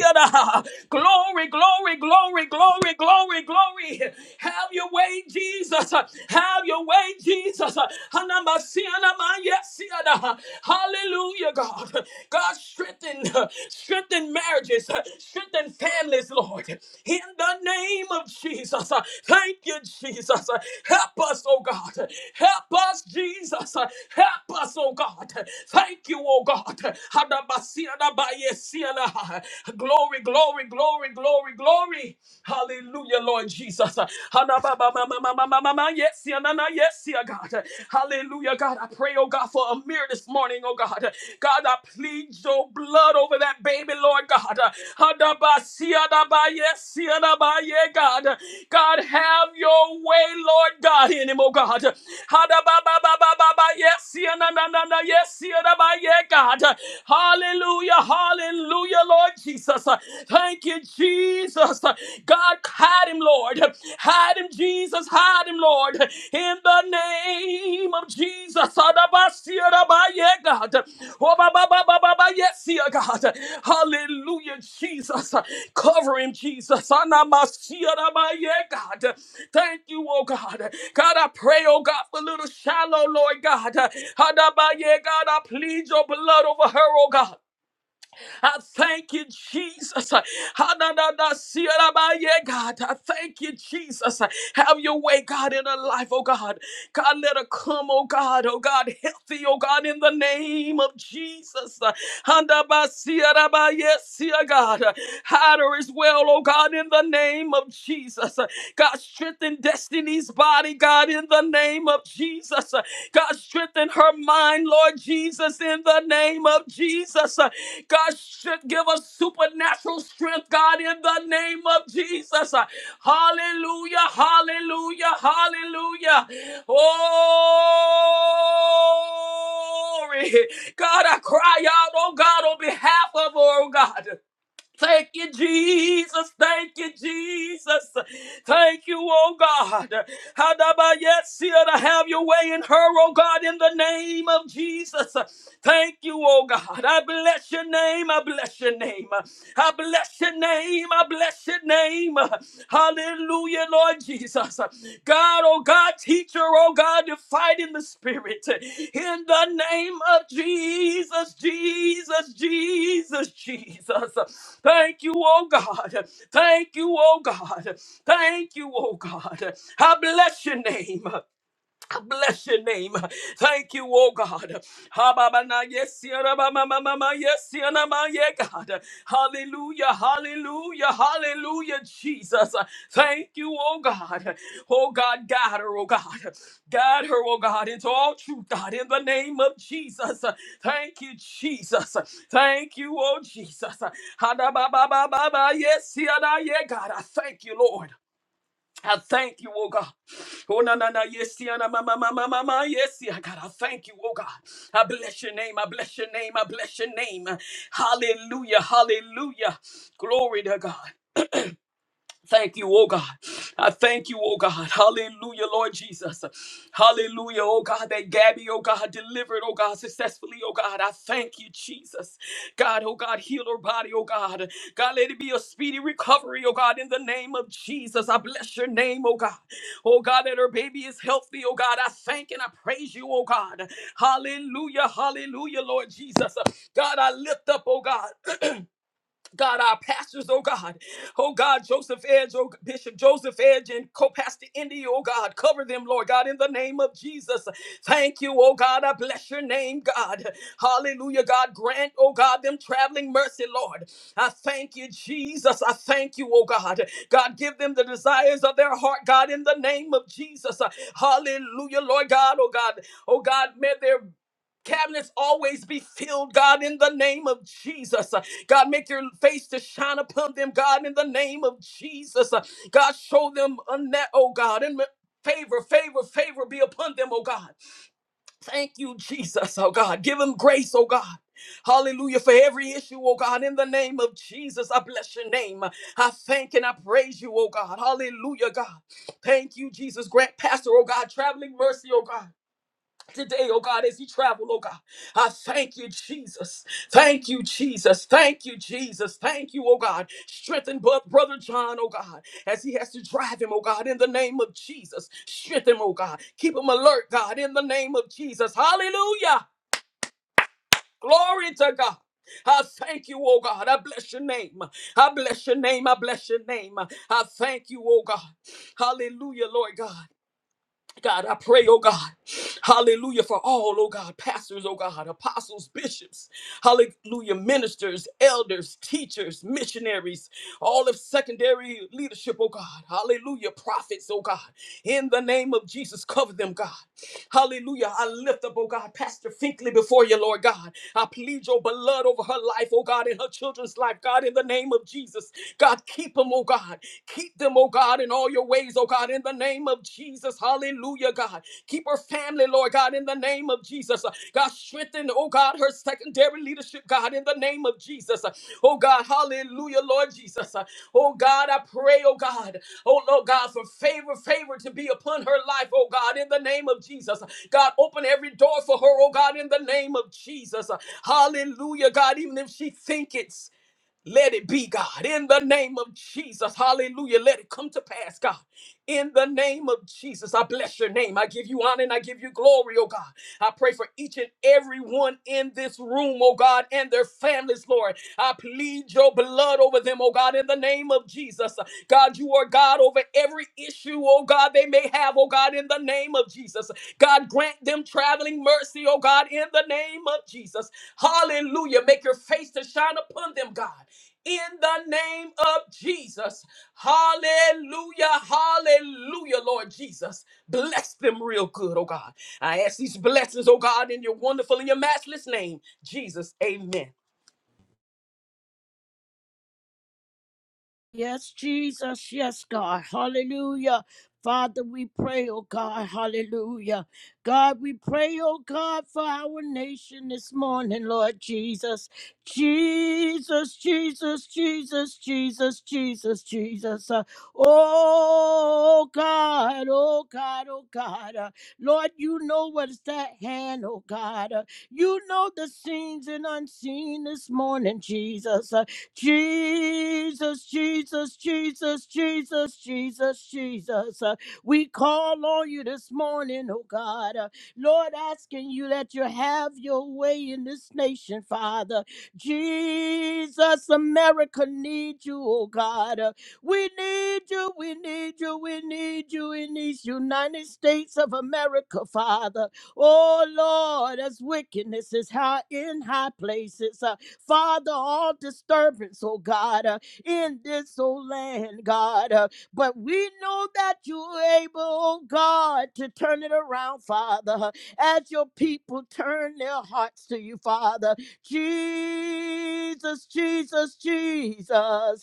Glory, glory, glory, glory, glory, glory. Have your way, Jesus. Have your way, Jesus. Hanamasianama, yes, siana. Hallelujah, God. God, strengthen, strengthen marriages, strengthen families, Lord. In the name of Jesus. Thank you, Jesus. Help us, oh God. Help us, Jesus. Help Help us, oh God. Thank you, oh God. Hadabasiadabayesiana. Glory, glory, glory, glory, glory. Hallelujah, Lord Jesus. Hanababamamamamamama. Yes, yeah, na, na, yes, yeah, God. Hallelujah, God. I pray, oh God, for Amir this morning, oh God. God, I plead your blood over that baby, Lord God. God. God, have your way, Lord God, in him, oh God. ha ba ba ba ba ba ba Yes, yeah, na, na, yes, yeah, yeah, God. Hallelujah, hallelujah, Lord Jesus. Thank you, Jesus. God, hide him, Lord. Hide him, Jesus. Hide him, Lord in the name of Jesus. Adabasia rabaye, God. Oh, ba, ba, ba, ba, ba, ba, yes, yeah, God. Hallelujah, Jesus. Cover him, Jesus. Anamasia rabaye, God. Thank you, oh God. God, I pray, oh God, for little shallow, Lord God. Adabaye, God, I plead your blood over her, oh God. I thank you, Jesus. ha na ba ye God, I thank you, Jesus. Have your way, God, in her life, oh God. God, let her come, oh God, oh God, healthy, oh God, in the name of Jesus. ha na ba ye see, oh God, hide her as well, oh God, in the name of Jesus. God, strengthen destiny's body, God, in in the name of Jesus. Uh, God, strengthen her mind, Lord Jesus, in the name of Jesus. Uh, God, should give us supernatural strength, God, in the name of Jesus. Uh, Hallelujah, hallelujah, hallelujah. Oh, Glory. God, I cry out, oh God, on behalf of, her, oh God. Thank you, Jesus. Thank you, Jesus. Thank you, oh God. Hadabayetsia to have your way in her, oh God, in the name of Jesus. Thank you, oh God. I bless your name. I bless your name. I bless your name. I bless your name. Hallelujah, Lord Jesus. God, oh God, teacher, oh God, to fight in the spirit. In the name of Jesus, Jesus, Jesus, Jesus. Thank you, oh God. Thank you, oh God. Thank you, oh God. I bless your name. Bless your name. Thank you, oh God. Ha, ba, ba, na, Yes, ya, ra, ba, ma, ma, ma, ma, yes, ya, na, ma, yeah, God. Hallelujah, hallelujah, hallelujah, Jesus. Thank you, oh God. Oh God, guide her, oh God. Guide her, oh God, into all truth, God, in the name of Jesus. Thank you, Jesus. Thank you, oh Jesus. Ha, da, ba, ba, ba, ba, ba, Yes, ya, na, yeah, God. I thank you, Lord. I thank you, oh God. Oh na na na yes, yeah, na ma ma ma yes, yeah, God. I thank you, oh God. I bless your name. I bless your name. I bless your name. Hallelujah. Hallelujah. Glory to God. Thank you, oh God. I thank you, oh God. Hallelujah, Lord Jesus. Hallelujah, oh God, that Gabby, oh God, delivered, oh God, successfully, oh God. I thank you, Jesus. God, oh God, heal her body, oh God. God, let it be a speedy recovery, oh God, in the name of Jesus. I bless your name, oh God. Oh God, that her baby is healthy, oh God. I thank and I praise you, oh God. Hallelujah, hallelujah, Lord Jesus. God, I lift up, oh God. God, our pastors, oh God, oh God, Joseph Edge, oh Bishop Joseph Edge, and co-pastor Indy, oh God, cover them, Lord God, in the name of Jesus. Thank you, oh God, I bless your name, God. Hallelujah, God, grant, oh God, them traveling mercy, Lord. I thank you, Jesus. I thank you, oh God. God, give them the desires of their heart, God, in the name of Jesus. Hallelujah, Lord God, oh God, oh God, may their Cabinets always be filled, God, in the name of Jesus. Uh, God, make your face to shine upon them, God, in the name of Jesus. Uh, God, show them a net, oh God, and favor, favor, favor be upon them, oh God. Thank you, Jesus, oh God. Give them grace, oh God. Hallelujah for every issue, oh God. In the name of Jesus, I bless your name. I thank and I praise you, oh God. Hallelujah, God. Thank you, Jesus. Grant Pastor, oh God, traveling mercy, oh God. Today, oh God, as he travel, oh God, I thank you, Jesus. Thank you, Jesus. Thank you, Jesus. Thank you, oh God. Strengthen bu- Brother John, oh God, as he has to drive him, oh God, in the name of Jesus. Strengthen him, oh God. Keep him alert, God, in the name of Jesus. Hallelujah. Glory to God. I thank you, oh God. I bless your name. I bless your name. I bless your name. I thank you, oh God. Hallelujah, Lord God. God, I pray, oh God, hallelujah, for all, oh God, pastors, oh God, apostles, bishops, hallelujah, ministers, elders, teachers, missionaries, all of secondary leadership, oh God, hallelujah, prophets, oh God, in the name of Jesus, cover them, God, Hallelujah. I lift up, oh God, Pastor Finkley before you, Lord God. I plead your blood over her life, oh God, and her children's life, God, in the name of Jesus. God, keep them, oh God. Keep them, oh God, in all your ways, oh God, in the name of Jesus. Hallelujah, God. Keep her family, Lord God, in the name of Jesus. God, strengthen, oh God. God, her secondary leadership, God, in the name of Jesus. Oh God, hallelujah, Lord Jesus. Oh God, I pray, oh God, oh Lord God, for favor, favor to be upon her life, oh God, in the name of Jesus. God, open every door for her, oh God, in the name of Jesus. Hallelujah, God, even if she think it. Let it be, God, in the name of Jesus. Hallelujah. Let it come to pass, God, in the name of Jesus. I bless your name. I give you honor and I give you glory, oh God. I pray for each and every one in this room, oh God, and their families, Lord. I plead your blood over them, oh God, in the name of Jesus. God, you are God over every issue, oh God, they may have, oh God, in the name of Jesus. God, grant them traveling mercy, oh God, in the name of Jesus. Hallelujah. Make your face to shine upon them, God in the name of Jesus. Hallelujah. Hallelujah, Lord Jesus. Bless them real good, oh God. I ask these blessings, oh God, in your wonderful and your matchless name, Jesus. Amen.
Yes, Jesus. Yes, God. Hallelujah. Father, we pray, oh God. Hallelujah. God, we pray, oh God, for our nation this morning, Lord Jesus. Jesus, Jesus, Jesus, Jesus, Jesus, Jesus. Uh, oh God, oh God, oh God. Uh, Lord, you know what's that hand, oh God. Uh, you know the scenes and unseen this morning, Jesus. Uh, Jesus, Jesus, Jesus, Jesus, Jesus, Jesus. Uh, we call on you this morning, oh God. Uh, Lord, asking you that you have your way in this nation, Father. Jesus, America needs you, oh God. Uh, we need you, we need you, we need you in these United States of America, Father. Oh Lord, as wickedness is high in high places. Uh, Father, all disturbance, oh God, uh, in this, oh land, God. uh, but we know that you're able, oh God, to turn it around, Father, uh, as your people turn their hearts to you, Father. Jesus, Jesus, Jesus.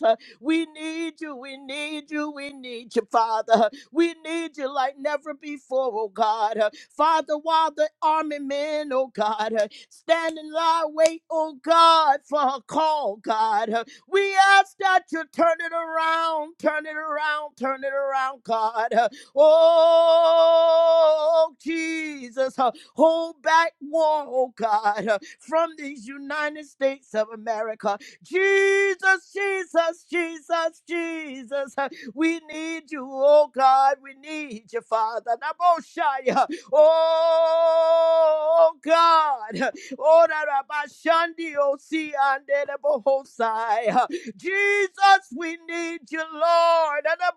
uh, we need you, we need you, we need you, Father. We need you like never before, oh God. Father, while the army men, oh God, Stand in our wait, oh God, for her call, God. We ask that you turn it around, turn it around, turn it around, God. Oh, Jesus, hold back war, oh God, from these United States of America. Jesus, Jesus, Jesus, Jesus, we need you, oh God, we need you, Father. Naboshaya. Oh God, Ora raba shandi osi and the bohosai. Jesus, we need you, Lord. and the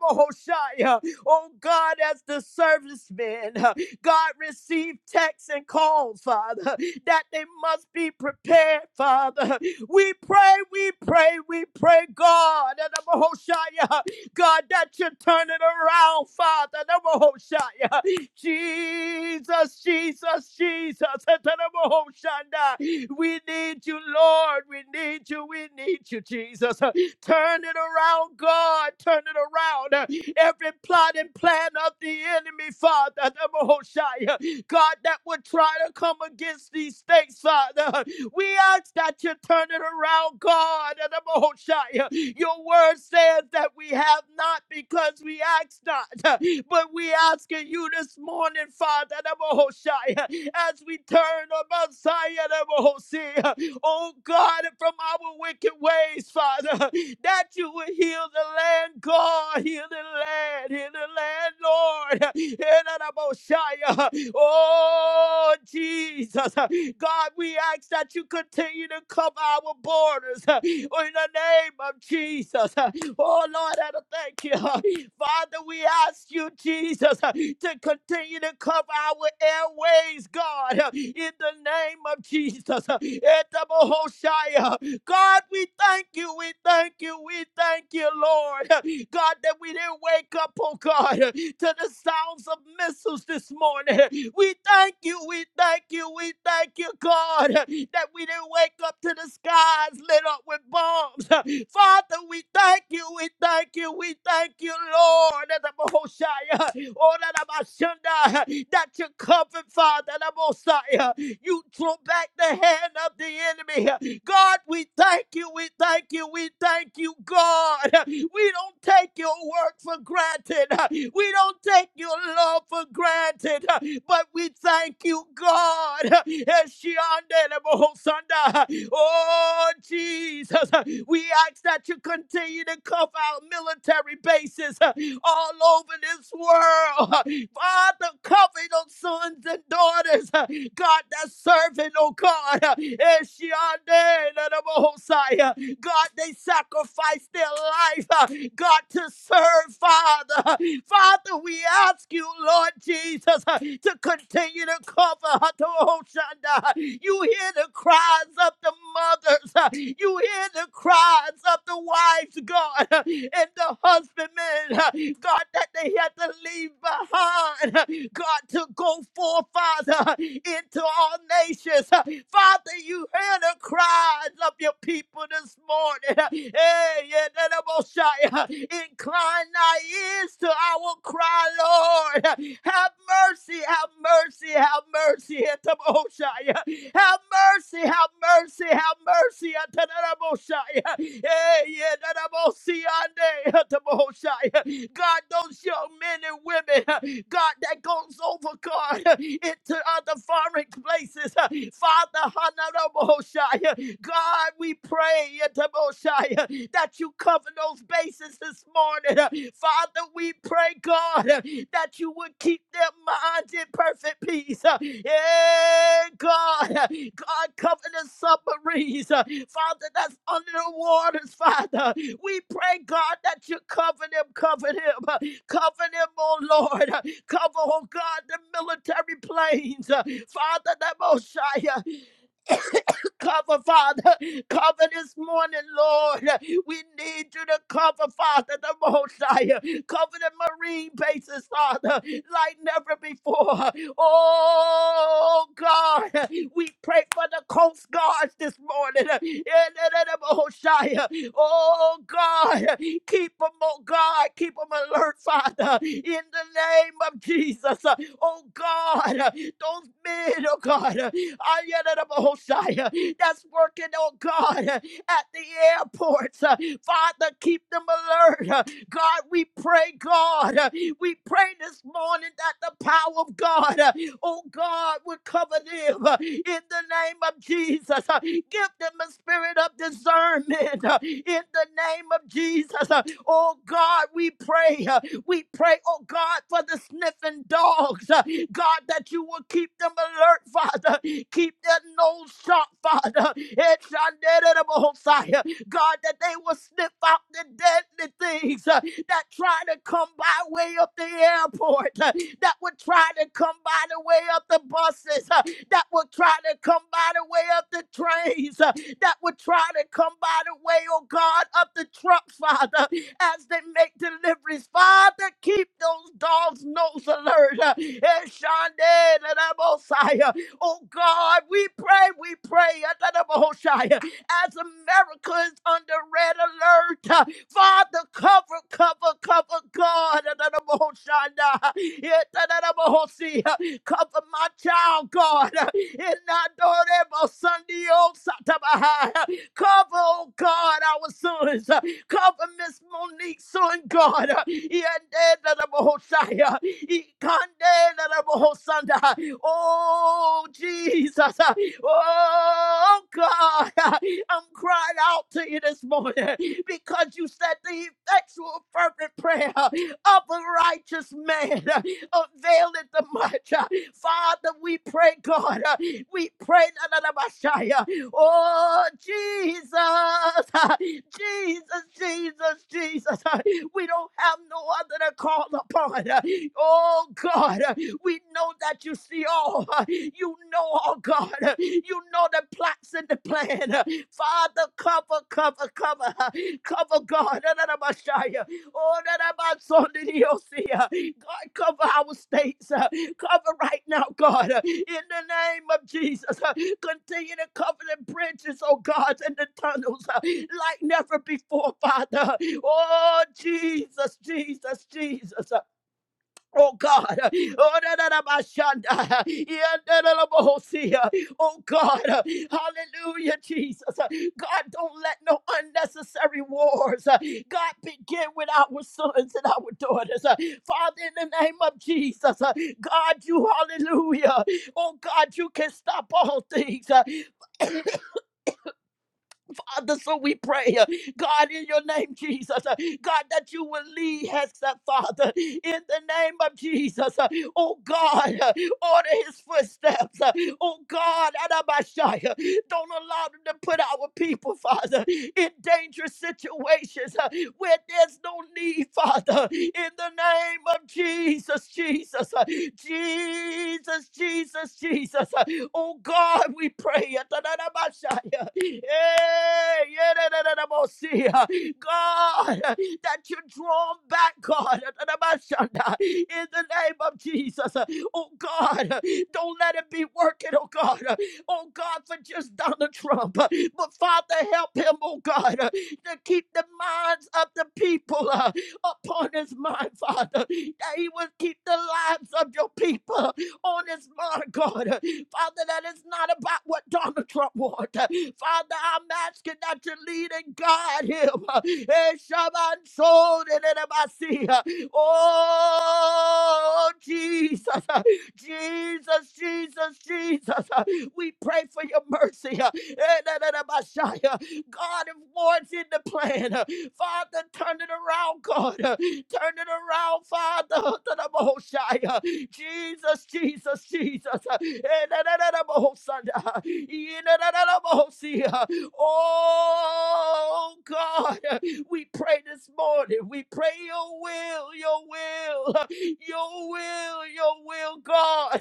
bohosai. Oh God, as the servicemen, God receive texts and calls, Father, that they must be prepared, Father. We pray, we pray, we pray, God, and the bohosai. God, that you turn it around, Father. the bohosai. Jesus, Jesus, Jesus. Atanamohoshanda. We need you, Lord. We need you. We need you, Jesus. Turn it around, God. Turn it around. Every plot and plan of the enemy, Father, Atanamohoshaya. God, that would try to come against these things, Father. We ask that you turn it around, God. And I'm Your word says that we have not because we ask not. But we asking you this morning, Father, and i as we turn on Messiah, oh God, from our wicked ways, Father, that you would heal the land, God, heal the land, heal the land, Lord. Erarabosaya. Oh, Jesus, God, we ask that you continue to cover our borders in the name of Jesus. Oh, Lord, I thank you. Father, we ask you, Jesus, uh, to continue to cover our airways, God, uh, in the name of Jesus. uh, Etabohoshaya. God, we thank you, we thank you, we thank you, Lord. God, that we didn't wake up, oh God, to the sounds of missiles this morning. We thank you, we thank you, we thank you, God, that we didn't wake up to the skies lit up with bombs. Father, we thank you, we thank you, we thank you, Lord. That the Mahoshaya, oh, that I'm a Shunda, that you comfort, Father, the Mosiah. You throw back the hand of the enemy. God, we thank you, we thank you, we thank you, God. We don't take your work for granted. We don't take your love for granted. But we thank you, God. Oh, Jesus. Uh, We ask that you continue to cover our military bases uh, all over this world. Uh, Father, cover those sons and daughters, uh, God, that's serving, oh God. uh, Eshiande, Lord of Messiah. God, they sacrificed their life, uh, God, to serve, Father. Father, we ask you, Lord Jesus, uh, to continue to cover her to Oshanda. You hear the cries of the mothers. uh, You hear the cries of the wives, God, uh, and the husbandmen, uh, God, that they had to leave behind. uh, God, to go forth, Father, uh, into all nations. uh, Father, you hear the cries of your people this morning. Hey, yeah, that most high. Incline thy ears to our cry, Lord. Have mercy, have mercy, have mercy at the most high. Have mercy, have mercy, have mercy at the most high. Hey, yeah, that most high, at the most high. God, those young men and women, God, that goes overcome. God, uh, into other foreign places. uh, Father, honorable Shia, God, we pray into Moshiach, that you cover those bases this morning. uh, Father, we pray, God, uh, that you would keep their minds in perfect peace. uh, Yeah, God, uh, God, cover the submarines. uh, Father, that's under the waters, Father. We pray, God, that you cover them, cover them, uh, cover them, oh Lord. uh, Cover, oh God, the military planes. Uh, Father, the Messiah. Cover, Father. Cover this morning, Lord. We need you to cover, Father, the Mosiah. Cover the Marine bases, Father, like never before. Oh, God. We pray for the Coast Guards this morning. In the Mosiah. Oh, God. Keep them, oh, God. Keep them alert, Father. In the name of Jesus. Oh, God. Those men, oh God, uh, Ayanarabahosai, uh, that's working, oh God, uh, at the airports. uh, Father, keep them alert. uh, God, we pray, God, uh, we pray this morning that the power of God, uh, oh God, would cover them uh, in the name of Jesus. uh, Give them a spirit of discernment uh, in the name of Jesus. uh, Oh God, we pray. We pray, oh God, for the sniffing dogs, uh, God, that you will keep them alert, Father. Keep their nose sharp, Father. It's Messiah. God, that they will sniff out the deadly things uh, that try to come by way of the airport, uh, that would try to come by the way of the buses, uh, that would try to come by the way of the trains, uh, that would try to come by the way, oh God, of the trucks, Father as they make deliveries. Father, keep those dogs' nose alert. Uh, Eshande Ladabosai. Uh, Oh God, we pray, we pray, Ladabosai, uh, as America is under red alert. uh, Father, cover, cover, cover, God. Ladabosai, uh, yeah, Ladabosai, uh, Cover my child, God. uh, in Nadorebo Sunday, oh, Satabahai, uh, Cover, oh God, our sons. uh, Cover Miss Monique, son God. Yandere-bo-hosaya. Ikandere-bo-hosanda. Oh, Jesus. Oh, God. I'm crying out to you this morning because you said the effectual, fervent prayer of a righteous man availeth the much. Father, we pray, God. We pray. Oh, Jesus, Jesus, Jesus, Jesus. We don't have no other to call upon. Oh, God, we know that you see all. You know, oh, God, you know the plots and the plan. Father, cover, cover, cover, cover, God. Oh, that about Sunday, you'll see. uh, God, cover our states. uh, Cover right now, God, uh, in the name of Jesus. uh, Continue to cover the bridges, oh God, and the tunnels uh, like never before, Father. Oh, Jesus, Jesus, Jesus. uh, Oh God. Oh da, da, da, ba, shanda. Yeah, da, da, da, ba, ho, see ya. Oh, God. uh, Hallelujah, Jesus. Uh, God, don't let no unnecessary wars, uh, God, begin with our sons and our daughters. Uh, Father, in the name of Jesus, uh, God, you, hallelujah. Oh, God, you can stop all things. Uh, Father. So we pray, uh, God, in your name, Jesus, uh, God, that you will lead us, uh, Father, in the name of Jesus. uh, Oh God, uh, order his footsteps. uh, Oh God, Adabashaya, don't allow them to put our people, Father, in dangerous situations uh, where there's no need, Father. In the name of Jesus, Jesus, uh, Jesus, Jesus, Jesus. uh, Oh God, we pray. uh, Tadadabashaya. Hey, Yeah, Eh, yedadadadabosi. God, uh, that you draw 'em back, God, dadadabashanda, in the name of Jesus. uh, Oh God, uh, don't let it be working, oh God. uh, Oh God, for just Donald Trump. uh, But Father, help him, oh God, uh, to keep the minds of the people uh, upon his mind, Father, that he will keep the lives of your people on his mind, God. Father, that is not about what Donald Trump wants. Father, I'm asking that you lead and guide him. Eh, Shaban Soul and Oh, Jesus, eh. Jesus, Jesus, Jesus. eh. We pray for your mercy. Eh, God of what's in the plan. Uh, Father, turn it around, God. Uh, Turn it around, Father, to the Most High. Uh, Jesus, Jesus, Jesus. Uh, eh, da, da, da, da, Most High. Uh, eh, Uh, Oh, God. We pray this morning. We pray your will, your will, your will, your will, God.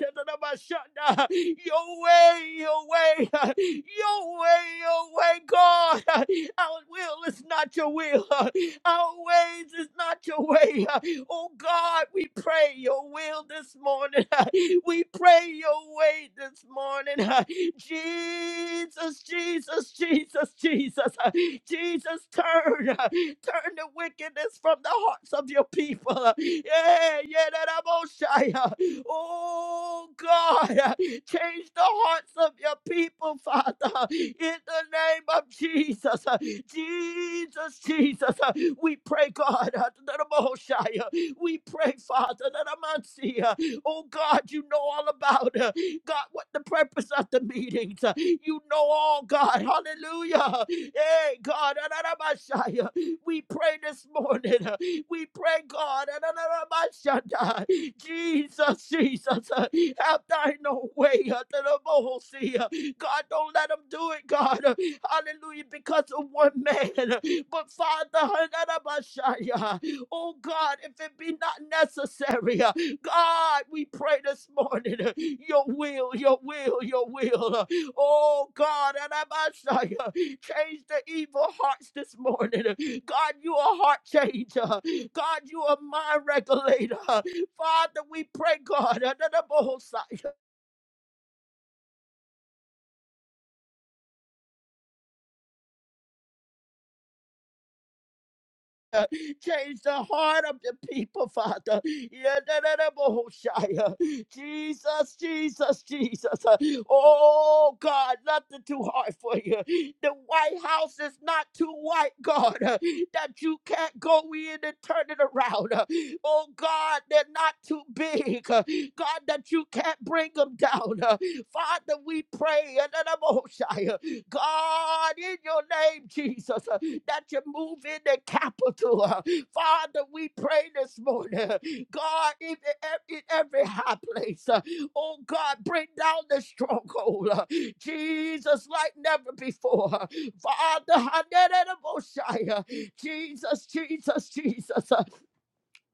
Your way, your way, your way, your way, God. Our will is not your will. Our ways is not your way. Oh God, we pray your will this morning. We pray your away this morning. Jesus, Jesus, Jesus, Jesus. Jesus, turn, turn the wickedness from the hearts of your people. Yeah, yeah, that I'm on fire. Oh God, change the hearts of your people, Father, in the name of Jesus. Jesus, Jesus, we pray, God, that I'm on fire. we pray, Father, that I'm on fire. Oh God, you know all about her. God, what the purpose of the meetings? Uh, You know all, God. Hallelujah. Hey, God. Adonai-Messiah. We pray this morning. uh, We pray, God. Adonai-Messiah. Jesus, Jesus. uh, Have thine own way. uh, to the most, uh, God, don't let them do it, God. uh, Hallelujah. Because of one man. uh, But Father, Adonai-Messiah, oh God, if it be not necessary. uh, God, we pray this morning, uh, your will, your will, your will. uh, Oh God, and I must uh, change the evil hearts this morning. uh, God, you are a heart changer. God, you are a mind regulator. Father, we pray, God, Father. Change the heart of the people, Father. Yadadadabahoshaya. Jesus, Jesus, Jesus. Uh, Oh, God, nothing too hard for you. The White House is not too white, God, uh, that you can't go in and turn it around. uh. Oh, God, they're not too big. uh, God, that you can't bring them down. uh. Father, we pray. Yadadadabahoshaya. God, in your name, Jesus. uh, that you move in the capital. uh, Father, we pray this morning, uh, God, in, e- in every high place, uh, oh God, bring down the stronghold, uh, Jesus, like never before. uh, Father, Hanedabosha, Jesus, Jesus, Jesus. uh,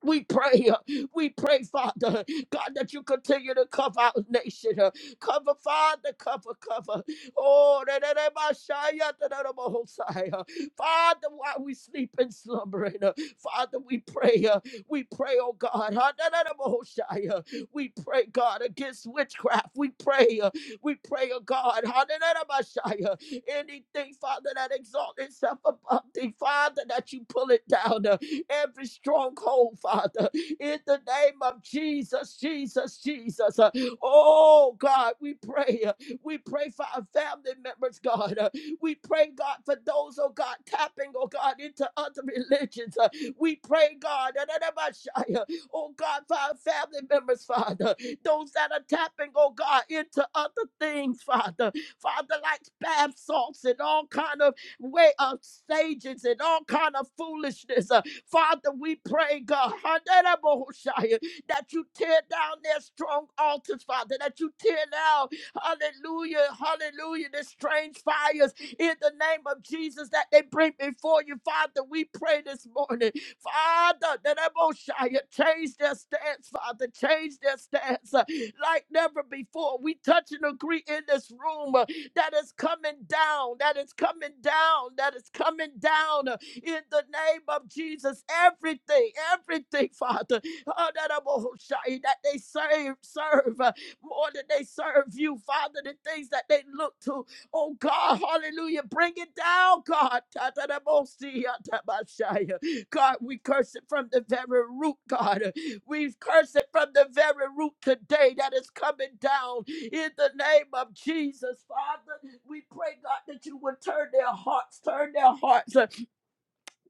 we pray, uh, we pray, Father, God, that you continue to cover our nation. uh, Cover, Father, cover, cover. Oh, da- da- da- ba- sha- ya- da- da- da- ba- ho- sa- ya. Father, while we sleep and slumbering, uh, Father, we pray, uh, we pray, oh God, ha- da- da- da- ba- ho- sha- ya. we pray, God, against witchcraft. We pray, uh, we pray, oh God, ha- da- da- da- ba- sha- ya. anything, Father, that exalts itself above thee, Father, that you pull it down. uh, every stronghold, Father, in the name of Jesus, Jesus, Jesus. Uh, Oh, God, we pray. uh, We pray for our family members, God. Uh, We pray, God, for those, oh God, tapping, oh God, into other religions. Uh, We pray, God, da- da- da- ba- shi- uh, oh God, for our family members, Father. Those that are tapping, oh God, into other things, Father. Father, like bath salts and all kind of way of sages and all kind of foolishness. Uh, Father, we pray, God, Hallelujah, that you tear down their strong altars, Father, that you tear down, hallelujah, hallelujah, the strange fires in the name of Jesus that they bring before you, Father. We pray this morning, Father, that Emoshia change their stance, Father, change their stance uh, like never before. We touch and agree in this room uh, that is coming down, that is coming down, that is coming down. uh, in the name of Jesus. Everything, everything, Father, oh, that I'm a Hoshai, that they serve, serve uh, more than they serve you, Father, the things that they look to. Oh God, hallelujah. Bring it down, God. Ta- ta- da- bo- see, uh, ta- ba- shai, uh. God, we curse it from the very root, God. Uh, We curse it from the very root today that is coming down in the name of Jesus, Father. We pray, God, that you would turn their hearts, turn their hearts.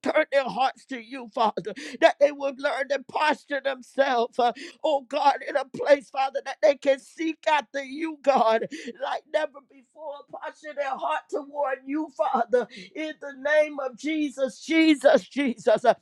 Turn their hearts to you, Father, that they would learn to posture themselves, uh, oh God, in a place, Father, that they can seek after you, God, like never before. Posture their heart toward you, Father, in the name of Jesus, Jesus, Jesus. Uh,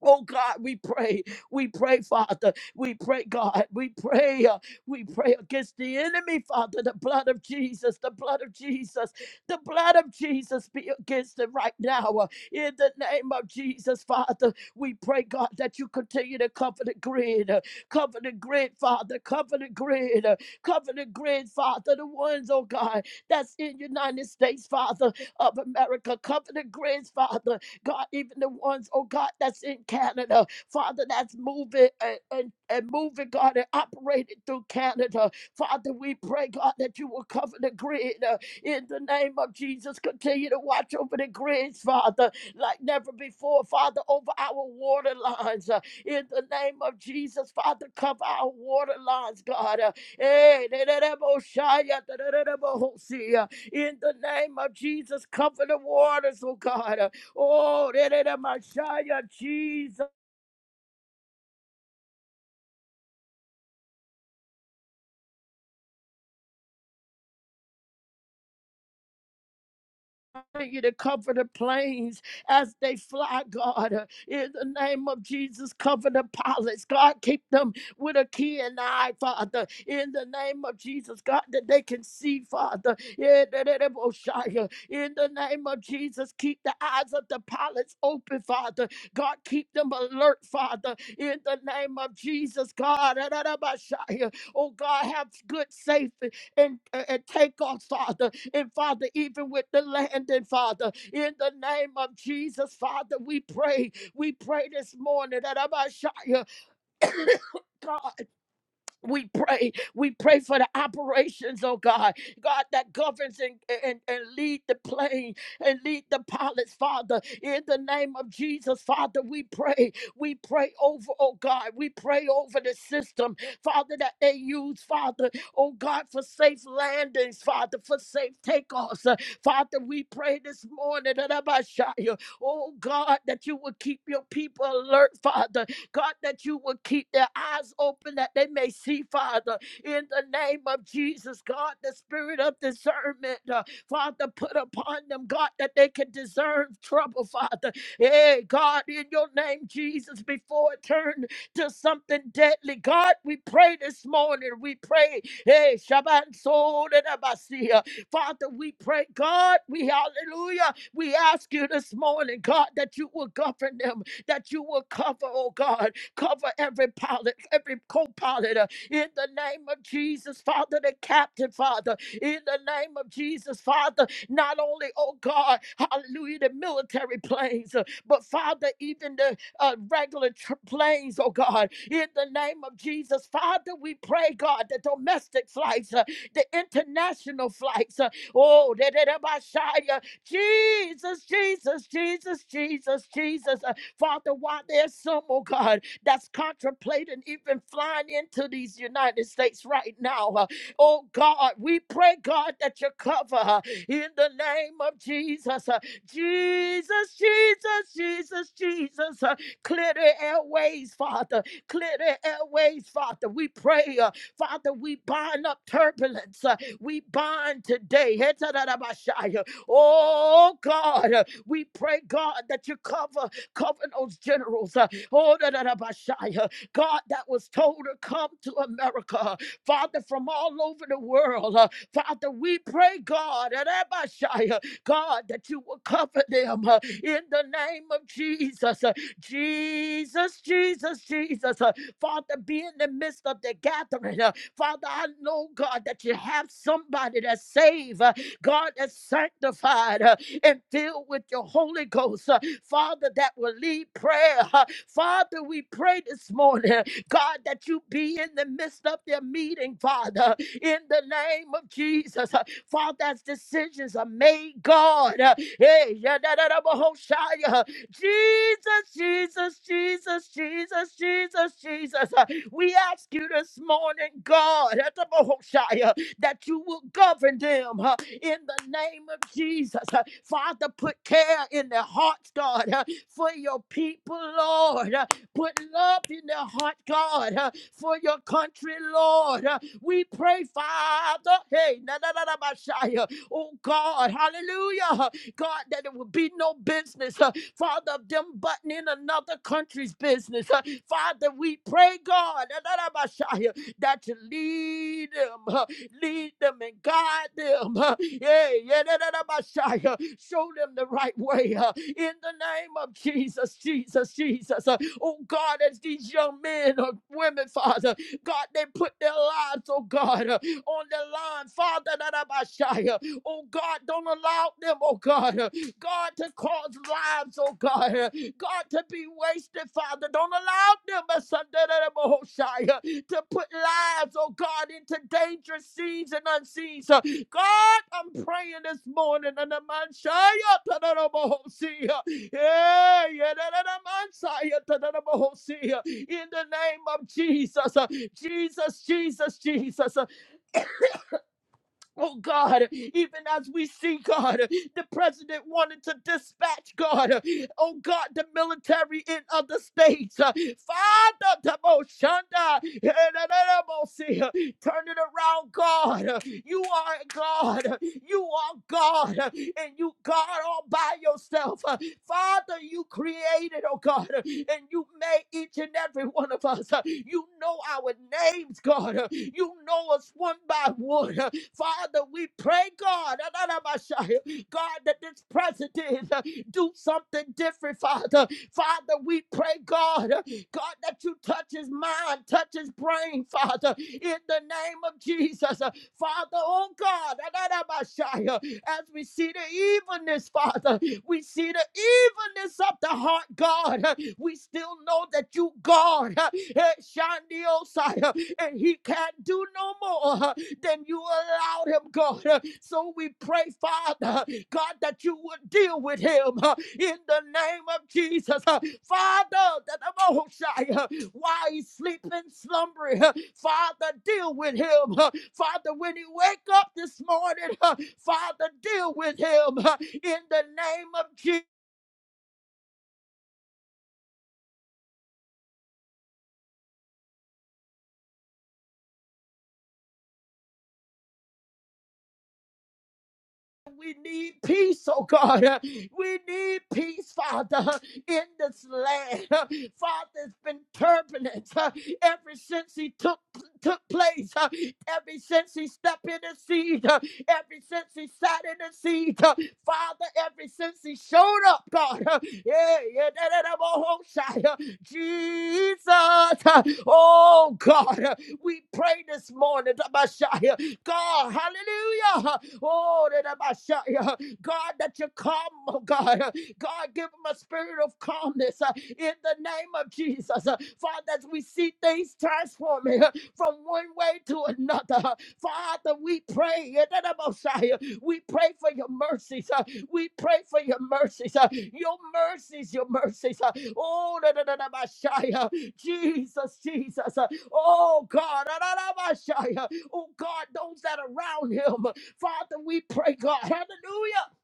Oh God, we pray. We pray, Father. We pray, God. We pray. uh, we pray against the enemy, Father. The blood of Jesus, the blood of Jesus, the blood of Jesus be against it right now. uh, in the name of Jesus, Father, we pray, God, that you continue to cover the grid. uh, cover the grid, Father. Cover the grid. uh, cover the grid, Father. The ones, oh God, that's in United States, Father of America. Cover the grids, Father. God, even the ones, oh God, that's in Canada, Father, that's moving and, and, and moving, God, and operating through Canada. Father, we pray, God, that you will cover the grid uh, in the name of Jesus. Continue to watch over the grids, Father, like never before, Father, over our water lines. uh, in the name of Jesus, Father, cover our water lines, God. uh, eh, da- da- da- bo- shy, uh, da- da- da- da- bo- ho- see, uh, In the name of Jesus, cover the waters, oh God. uh, Oh, da- da- da, Messiah, Jesus, you to cover the planes as they fly, God. Uh, In the name of Jesus, cover the pilots. God, keep them with a keen eye, Father. In the name of Jesus, God, that they can see, Father. Yeah, da- da- In the name of Jesus, keep the eyes of the pilots open, Father. God, keep them alert, Father. In the name of Jesus, God. da- da- da, Oh God, have good, safe and, and and take us, Father. And Father, even with the land, and Father, in the name of Jesus, Father, we pray. We pray this morning that Abashaya. God. We pray. We pray for the operations, oh God. God that governs and, and, and lead the plane and lead the pilots, Father. In the name of Jesus, Father, we pray. We pray over, oh God. We pray over the system, Father, that they use, Father, oh God, for safe landings, Father, for safe takeoffs. Uh, Father, we pray this morning that I might shout you, oh God, that you will keep your people alert, Father God, that you would keep their eyes open that they may see, Father, in the name of Jesus, God, the spirit of discernment, uh, Father, put upon them, God, that they can discern trouble, Father. Hey, God, in your name, Jesus, before it turned to something deadly. God, we pray this morning. We pray. Hey, Shabbat Soul and Abbasia. Father, we pray, God, we hallelujah. We ask you this morning, God, that you will govern them that you will cover, oh God, cover every pilot, every co pilot in the name of Jesus, Father, the captain, Father, in the name of Jesus, Father, not only, oh God, hallelujah, the military planes, uh, but Father, even the uh, regular tr- planes, oh God, in the name of Jesus, Father, we pray, God, the domestic flights, uh, the international flights, uh, oh, that Jesus, Jesus, Jesus, Jesus, Jesus. uh, Father, why there's some, oh God, that's contemplating even flying into these United States right now, uh, oh God, we pray, God, that you cover her in the name of Jesus. uh, Jesus, Jesus, Jesus, Jesus, uh, clear the airways, Father, clear the airways, Father. We pray, uh, Father, we bind up turbulence, uh, we bind today. Oh God, uh, we pray, God, that you cover Cover those generals. uh, Oh, da, da, da, ba, uh, God, that was told to come to America. Father, from all over the world. uh, Father, we pray, God, da, da, ba, uh, God, that you will cover them uh, in the name of Jesus. uh, Jesus, Jesus, Jesus. uh, Father, be in the midst of the gathering. uh, Father, I know, God, that you have somebody that's saved, uh, God, that's sanctified. uh, and filled with your Holy Ghost, uh, Father, that will lead prayer. uh, Father, we pray this morning, God, that you be in the midst of their meeting, Father, in the name of Jesus. uh, Father, as decisions are made, God, uh, hey, yadadadabahoshaya, uh, Jesus, Jesus, Jesus, Jesus, Jesus, Jesus. uh, We ask you this morning, God, at the Bahoshaya, that you will govern them. uh, in the name of Jesus. Uh, Father, put care in their hearts, God, uh, for your people, Lord. Uh, Put love in their heart, God, uh, for your country, Lord. Uh, We pray, Father, hey, na na na na, Messiah. oh God, hallelujah. God, that it would be no business, uh, Father, of them butting in another country's business. Uh, Father, we pray, God, na na na, Messiah, that you lead them. uh, Lead them and guide them. Yeah, yeah, da, da, da, Messiah. Show them the right way. uh, In the name of Jesus, Jesus, Jesus. Uh, Oh God, as these young men or women, Father, God, they put their lives, oh God, uh, on the line. Father, da, da, Messiah. oh God, don't allow them, oh God, uh, God, to cause lives, oh God, uh, God, to be wasted, Father. Don't allow them, Messiah to put lives, oh God, into dangerous seas and unseen. So, God, I'm praying this morning, and the man Shia Tadarabahosia. Yeah, yeah, da- da- da- man in the name of Jesus, uh, Jesus, Jesus, Jesus. uh, Oh God, even as we see God, the president wanted to dispatch God, oh God, the military in other states. Father, Taboshanda, Erererebosi, turn it around, God. You are God, you are God, and you God all by yourself. Father, you created, oh God, and you made each and every one of us. You know our names, God. You know us one by one. Father, we pray, God, God, that this president uh, do something different, Father. Father, we pray, God, uh, God, that you touch his mind, touch his brain, Father, in the name of Jesus. Uh, Father, oh God, as we see the evilness, Father, we see the evilness of the heart, God. We still know that you, God, eh, Shandiosai, and he can't do no more uh, than you allowed him, God. So we pray, Father, God, that you would deal with him uh, in the name of Jesus. Father, that while he's sleeping, slumbering. huh, Father, deal with him. huh. Father, when he wake up this morning, huh, Father, deal with him huh, in the name of Jesus. We need peace, oh God. We need peace, Father, in this land. Father, it's been turbulence uh, ever since he took took place. uh, Ever since he stepped in the seed. uh, Ever since he sat in the seed. uh, Father, ever since he showed up, God. uh, Yeah, yeah, that da, da, bo- ho, shai, uh, Jesus. uh, Oh God, uh, we pray this morning. God, hallelujah. Oh, that I yeah. God, that you come, oh God. God, give them a spirit of calmness uh, in the name of Jesus. Uh, Father, as we see things transforming uh, from one way to another, uh, Father, we pray. yeah, that We pray for your mercies. uh, We pray for your mercies. uh, Your mercies, your mercies. uh, Oh, da, da, Jesus, Jesus. uh, Oh, God. Oh God, those that are around him. Father, we pray, God, hallelujah.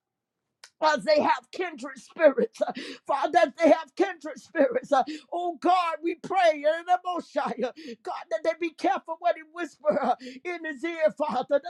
As they have kindred spirits. uh, Father, as they have kindred spirits. uh, Oh God, we pray in the Most High, uh, God, that they be careful what he whisper uh, in his ear, Father.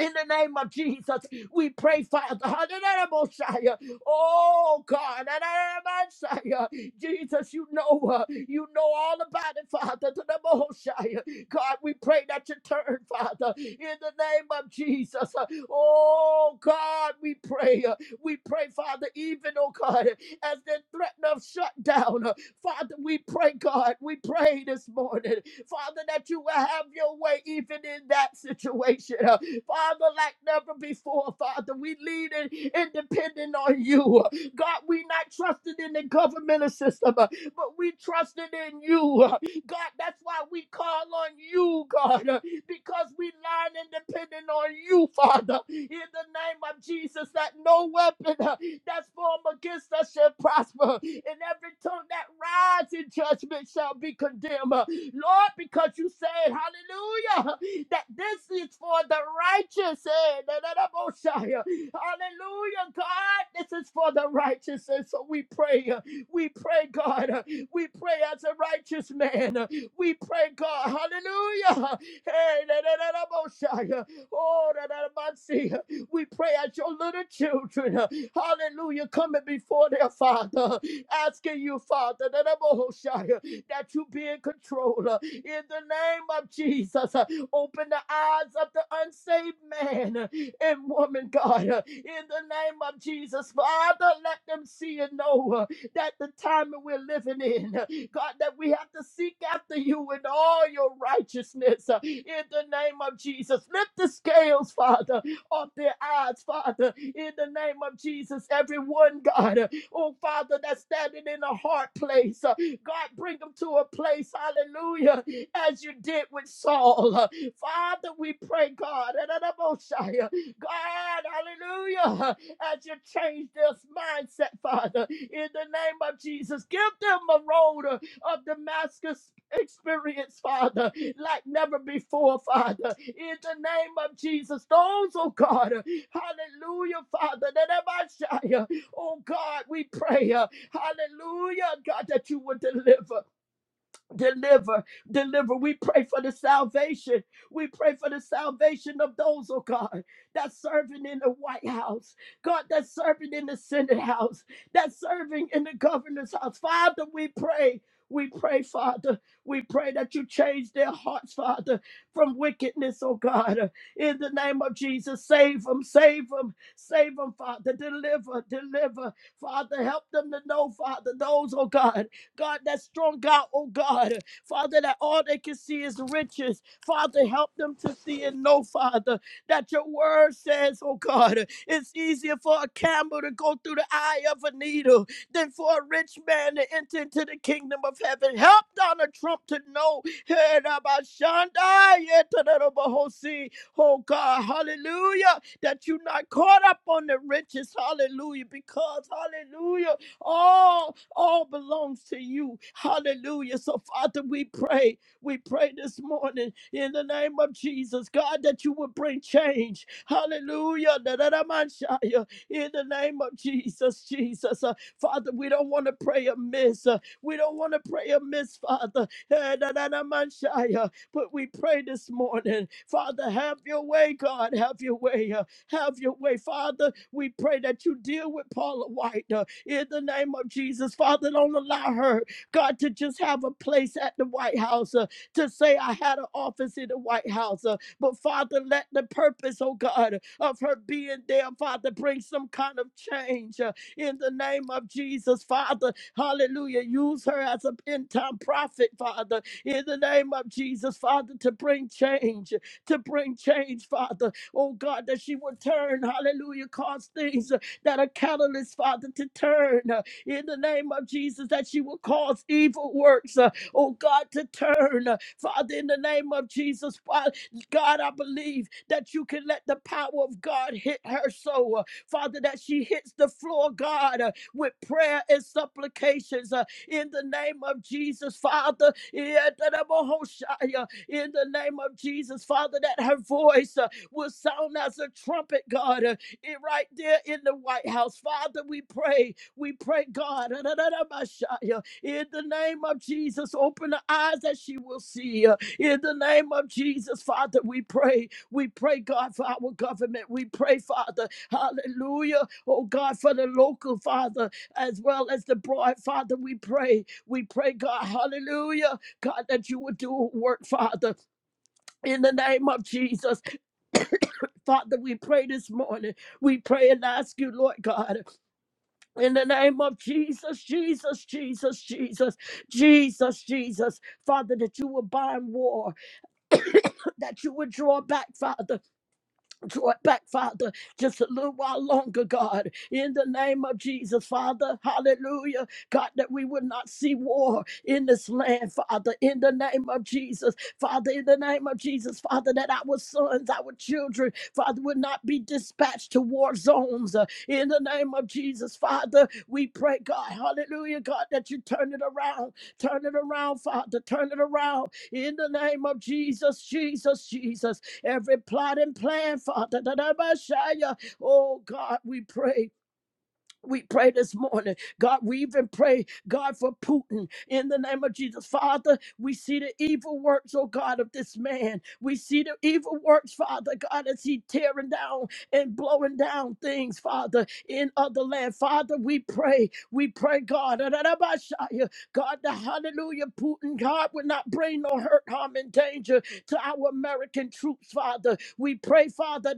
In the name of Jesus, we pray, Father. Hallelujah, Messiah. Oh God, Hallelujah, Messiah. Jesus, you know, uh, you know all about it, Father. To the Messiah, God, we pray that you turn, Father, in the name of Jesus. Uh, Oh God, we pray, uh, we pray, Father, even oh God, as they threaten of shutdown, uh, Father, we pray, God, we pray this morning, Father, that you will have your way even in that situation. Father, like never before, Father, we leaning and depending on you. God, we not trusted in the governmental system, uh, but we trusted in you. uh, God, that's why we call on you, God, uh, because we learn and depending on you, Father. In the name of Jesus, that no weapon uh, that's formed against us shall prosper, and every tongue that rises in judgment shall be condemned. Lord, because you said, hallelujah, that this is for the righteous. eh, da, da, da, Hallelujah, God, this is for the righteous. And so we pray, uh, we pray, God, uh, we pray as a righteous man. uh, We pray, God, hallelujah. Hey, da, da, da, Oh, da, da, da, Mosiah. we pray as your little children, uh, hallelujah, coming before their father, asking you, Father, that you be in control. uh, In the name of Jesus, uh, open the eyes of the unsaved man uh, and woman, God. uh, In the name of Jesus, Father, let them see and know uh, that the time that we're living in, uh, God, that we have to seek after you in all your righteousness. uh, In the name of Jesus, lift the scales, Father, off their eyes, Father. In the name of Jesus, everyone, God, uh, oh Father, that's standing in a hard place. Uh, God, bring them to a place, hallelujah, as you did with Saul. Father, we pray, God, and an God, hallelujah, as you change this mindset, Father, in the name of Jesus, give them a road uh, of Damascus experience, Father, like never before, Father, in the name of Jesus. Those, oh God, uh, hallelujah, Father, that am uh, oh God, we pray. uh, Hallelujah, God, that you would deliver. Deliver, deliver. We pray for the salvation. We pray for the salvation of those, oh God, that's serving in the White House, God, that's serving in the Senate House, that's serving in the governor's house. Father, we pray. We pray, Father. We pray that you change their hearts, Father, from wickedness, oh God. In the name of Jesus, save them, save them, save them, Father. Deliver, deliver. Father, help them to know, Father, those, oh God, God, that strong God, oh God. Father, that all they can see is riches. Father, help them to see and know, Father, that your word says, oh God, it's easier for a camel to go through the eye of a needle than for a rich man to enter into the kingdom of heaven. Help Donald Trump to know, eh, Rabba Shanda, yeah, to the Rabba Hosi. oh God, hallelujah, that you're not caught up on the riches, hallelujah, because, hallelujah, all all belongs to you. Hallelujah. So, Father, we pray. We pray this morning in the name of Jesus, God, that you would bring change. Hallelujah. Da-da-da-man-shia. In the name of Jesus, Jesus. Uh, Father, we don't want to pray amiss. Uh, we don't want to pray amiss, Father. Eh, da-da-da-man-shia. But we pray this morning, Father, have your way, God, have your way. uh, have your way, Father. We pray that you deal with Paula White. uh, in the name of Jesus. Father, don't allow her, God, to just have a place at the White House, uh, to say I had an office in the White House. uh, but Father, let the purpose, oh God, of her being there, Father, bring some kind of change uh, in the name of Jesus, Father. Hallelujah. Use her as an end time prophet, Father, in the name of Jesus, Father, to bring change, to bring change, Father. Oh God, that she would turn, hallelujah, cause things that are catalysts, Father, to turn uh, in the name of Jesus, that you will cause evil works, uh, oh God, to turn. uh, Father, in the name of Jesus, Fa- God, I believe that you can let the power of God hit her so, uh, Father, that she hits the floor, God, uh, with prayer and supplications uh, in the name of Jesus, Father. yeah, da- da- bo- ho- shi- uh, In the name of Jesus, Father, that her voice uh, will sound as a trumpet, God, uh, it right there in the White House. Father, we pray. We pray, God, in the name of Jesus, open the eyes that she will see. In the name of Jesus, Father, we pray. We pray, God, for our government. We pray, Father, hallelujah. Oh, God, for the local, Father, as well as the broad, Father, we pray. We pray, God, hallelujah. God, that you would do a work, Father, in the name of Jesus. Father, we pray this morning. We pray and ask you, Lord God, in the name of Jesus, Jesus, Jesus, Jesus, Jesus, Jesus, Father, that you will bind war, that you would draw back, Father draw it back, Father, just a little while longer, God, in the name of Jesus, Father, hallelujah, God, that we would not see war in this land, Father, in the name of Jesus, Father, in the name of Jesus, Father, that our sons, our children, Father, would not be dispatched to war zones, uh, in the name of Jesus, Father, we pray, God, hallelujah, God, that you turn it around, turn it around, Father, turn it around, in the name of Jesus, Jesus, Jesus, every plot and plan, Father. that I might shine your- Oh God, we pray we pray this morning. God, we even pray, God, for Putin in the name of Jesus. Father, we see the evil works, oh God, of this man. We see the evil works, Father, God, as he tearing down and blowing down things, Father, in other land. Father, we pray. We pray, God, God, the hallelujah, Putin, God, will not bring no hurt, harm, and danger to our American troops, Father. We pray, Father,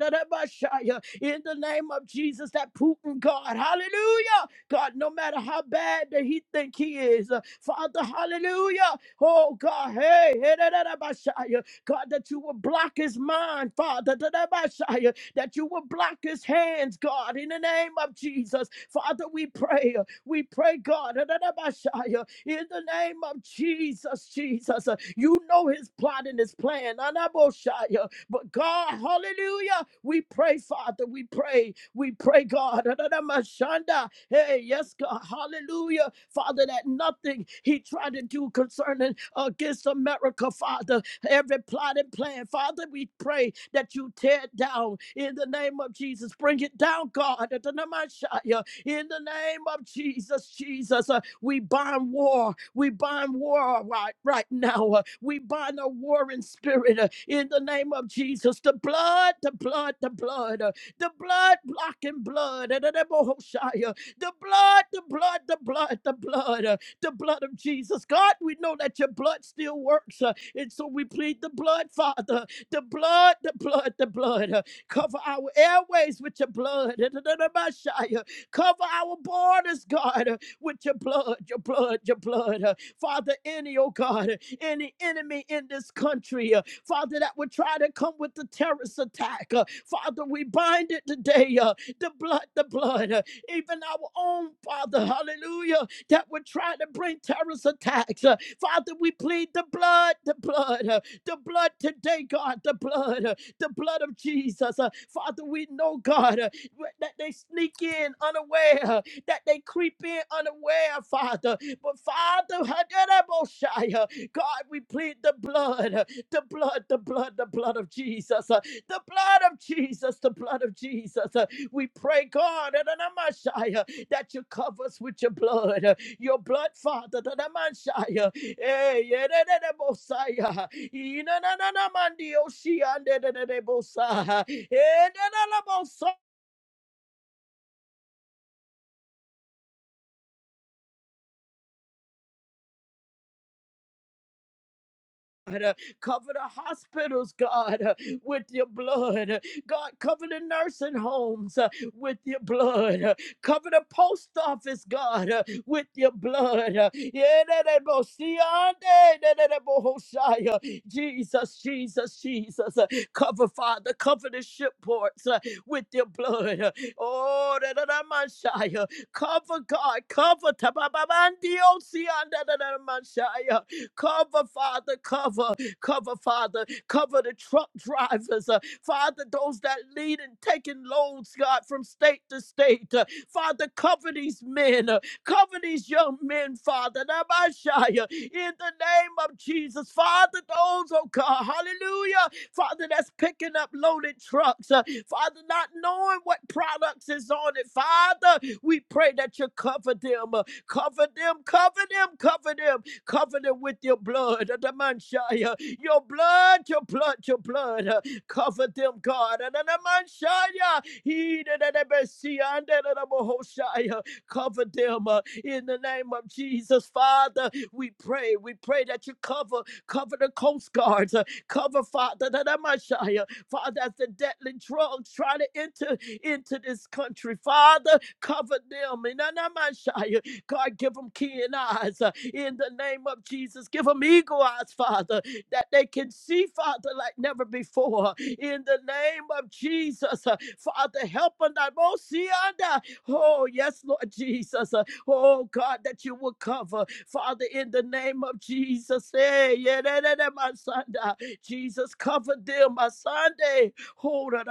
in the name of Jesus, that Putin God, hallelujah, God, no matter how bad that he think he is, uh, Father, hallelujah, oh God, hey, hey, da, da, da, Messiah. God, that you will block his mind, Father, da, da, Messiah, that you will block his hands, God, in the name of Jesus, Father, we pray, uh, we pray, God, da, da, da, Messiah, in the name of Jesus, Jesus, uh, you know his plot and his plan, Anaboshaya. But God, hallelujah, we pray, Father, we pray, we pray, God. Hey, yes, God, hallelujah, Father, that nothing He tried to do concerning uh, against America, Father, every plot and plan, Father, we pray that you tear it down in the name of Jesus. Bring it down, God, in the name of Jesus, Jesus. We bind war. We bind war right, right now. Uh, We bind a warring spirit uh, in the name of Jesus. The blood, the blood, the blood, uh, the blood blocking blood. uh, The name of The blood, the blood, the blood, the blood, uh, the blood of Jesus. God, we know that your blood still works. uh, And so we plead the blood, Father. The blood, the blood, the blood. uh, Cover our airways with your blood. uh, the name of Hoshea. Cover our borders, God with your blood, your blood, your blood. Uh, Father, any, oh God, uh, any enemy in this country, uh, Father, that would try to come with the terrorist attack. uh, Father, we bind it today. uh, The blood, the blood, uh, even our own Father, hallelujah, that would try to bring terrorist attacks. uh, Father, we plead the blood, the blood, uh, the blood today, God, the blood, uh, the blood of Jesus. uh, Father, we know, God, uh, that they sneak in unaware that they creep in unaware, Father. But Father, Hadadabosha, God, we plead the blood, the blood, the blood, the blood of Jesus, uh, the blood of Jesus, the blood of Jesus. uh, We pray, God, Hadadamashaya, that you cover us with your blood, uh, your blood, Father, Hadadamashaya. Eh, yedadadabosaya, inananamandioshi, andadadadabosa, eh, God. Uh, Cover the hospitals, God, uh, with your blood. Uh, God, cover the nursing homes uh, with your blood. Uh, Cover the post office, God, uh, with your blood. Uh, yeah, da- da- bo- see, ah, da- da- da- da- bo- ho- uh, Jesus, Jesus, Jesus. Uh, Cover, Father, cover the ship ports uh, with your blood. Uh, Oh, da- da- da- man, shi, uh, cover, God, cover. ta- ba- ba- ba- see, ah, da- da- da- da- man, shi, uh, Cover, Father, cover, cover, Father, cover the truck drivers, uh, Father, those that lead and taking loads, God, from state to state. uh, Father, cover these men, uh, cover these young men, Father, Nabashaya, in the name of Jesus. Father, those, oh God, hallelujah, Father, that's picking up loaded trucks, uh, Father, not knowing what products is on it. Father, we pray that you cover them, uh, cover them, cover them, cover them, Cover them with your blood. Adamanshaya. Your blood, your blood, your blood. uh, Cover them, God. Adamanshaya. He that had been seen, and that had Cover them uh, in the name of Jesus. Father, we pray. We pray that you cover, cover the Coast Guards. uh, Cover, Father, Adamanshaya. Father, as the deadly drugs try to enter into this country. Father, cover them. In God, give them keen eyes uh, in the name of Jesus. Give them eagle eyes, Father, that they can see, Father, like never before. In the name of Jesus, uh, Father, help them. I won't see under. Oh, yes, Lord Jesus. uh, Oh, God, that you will cover, Father, in the name of Jesus. Hey, yeah, da, da, da, my son. da. Jesus, cover them, my Sunday. Hold on,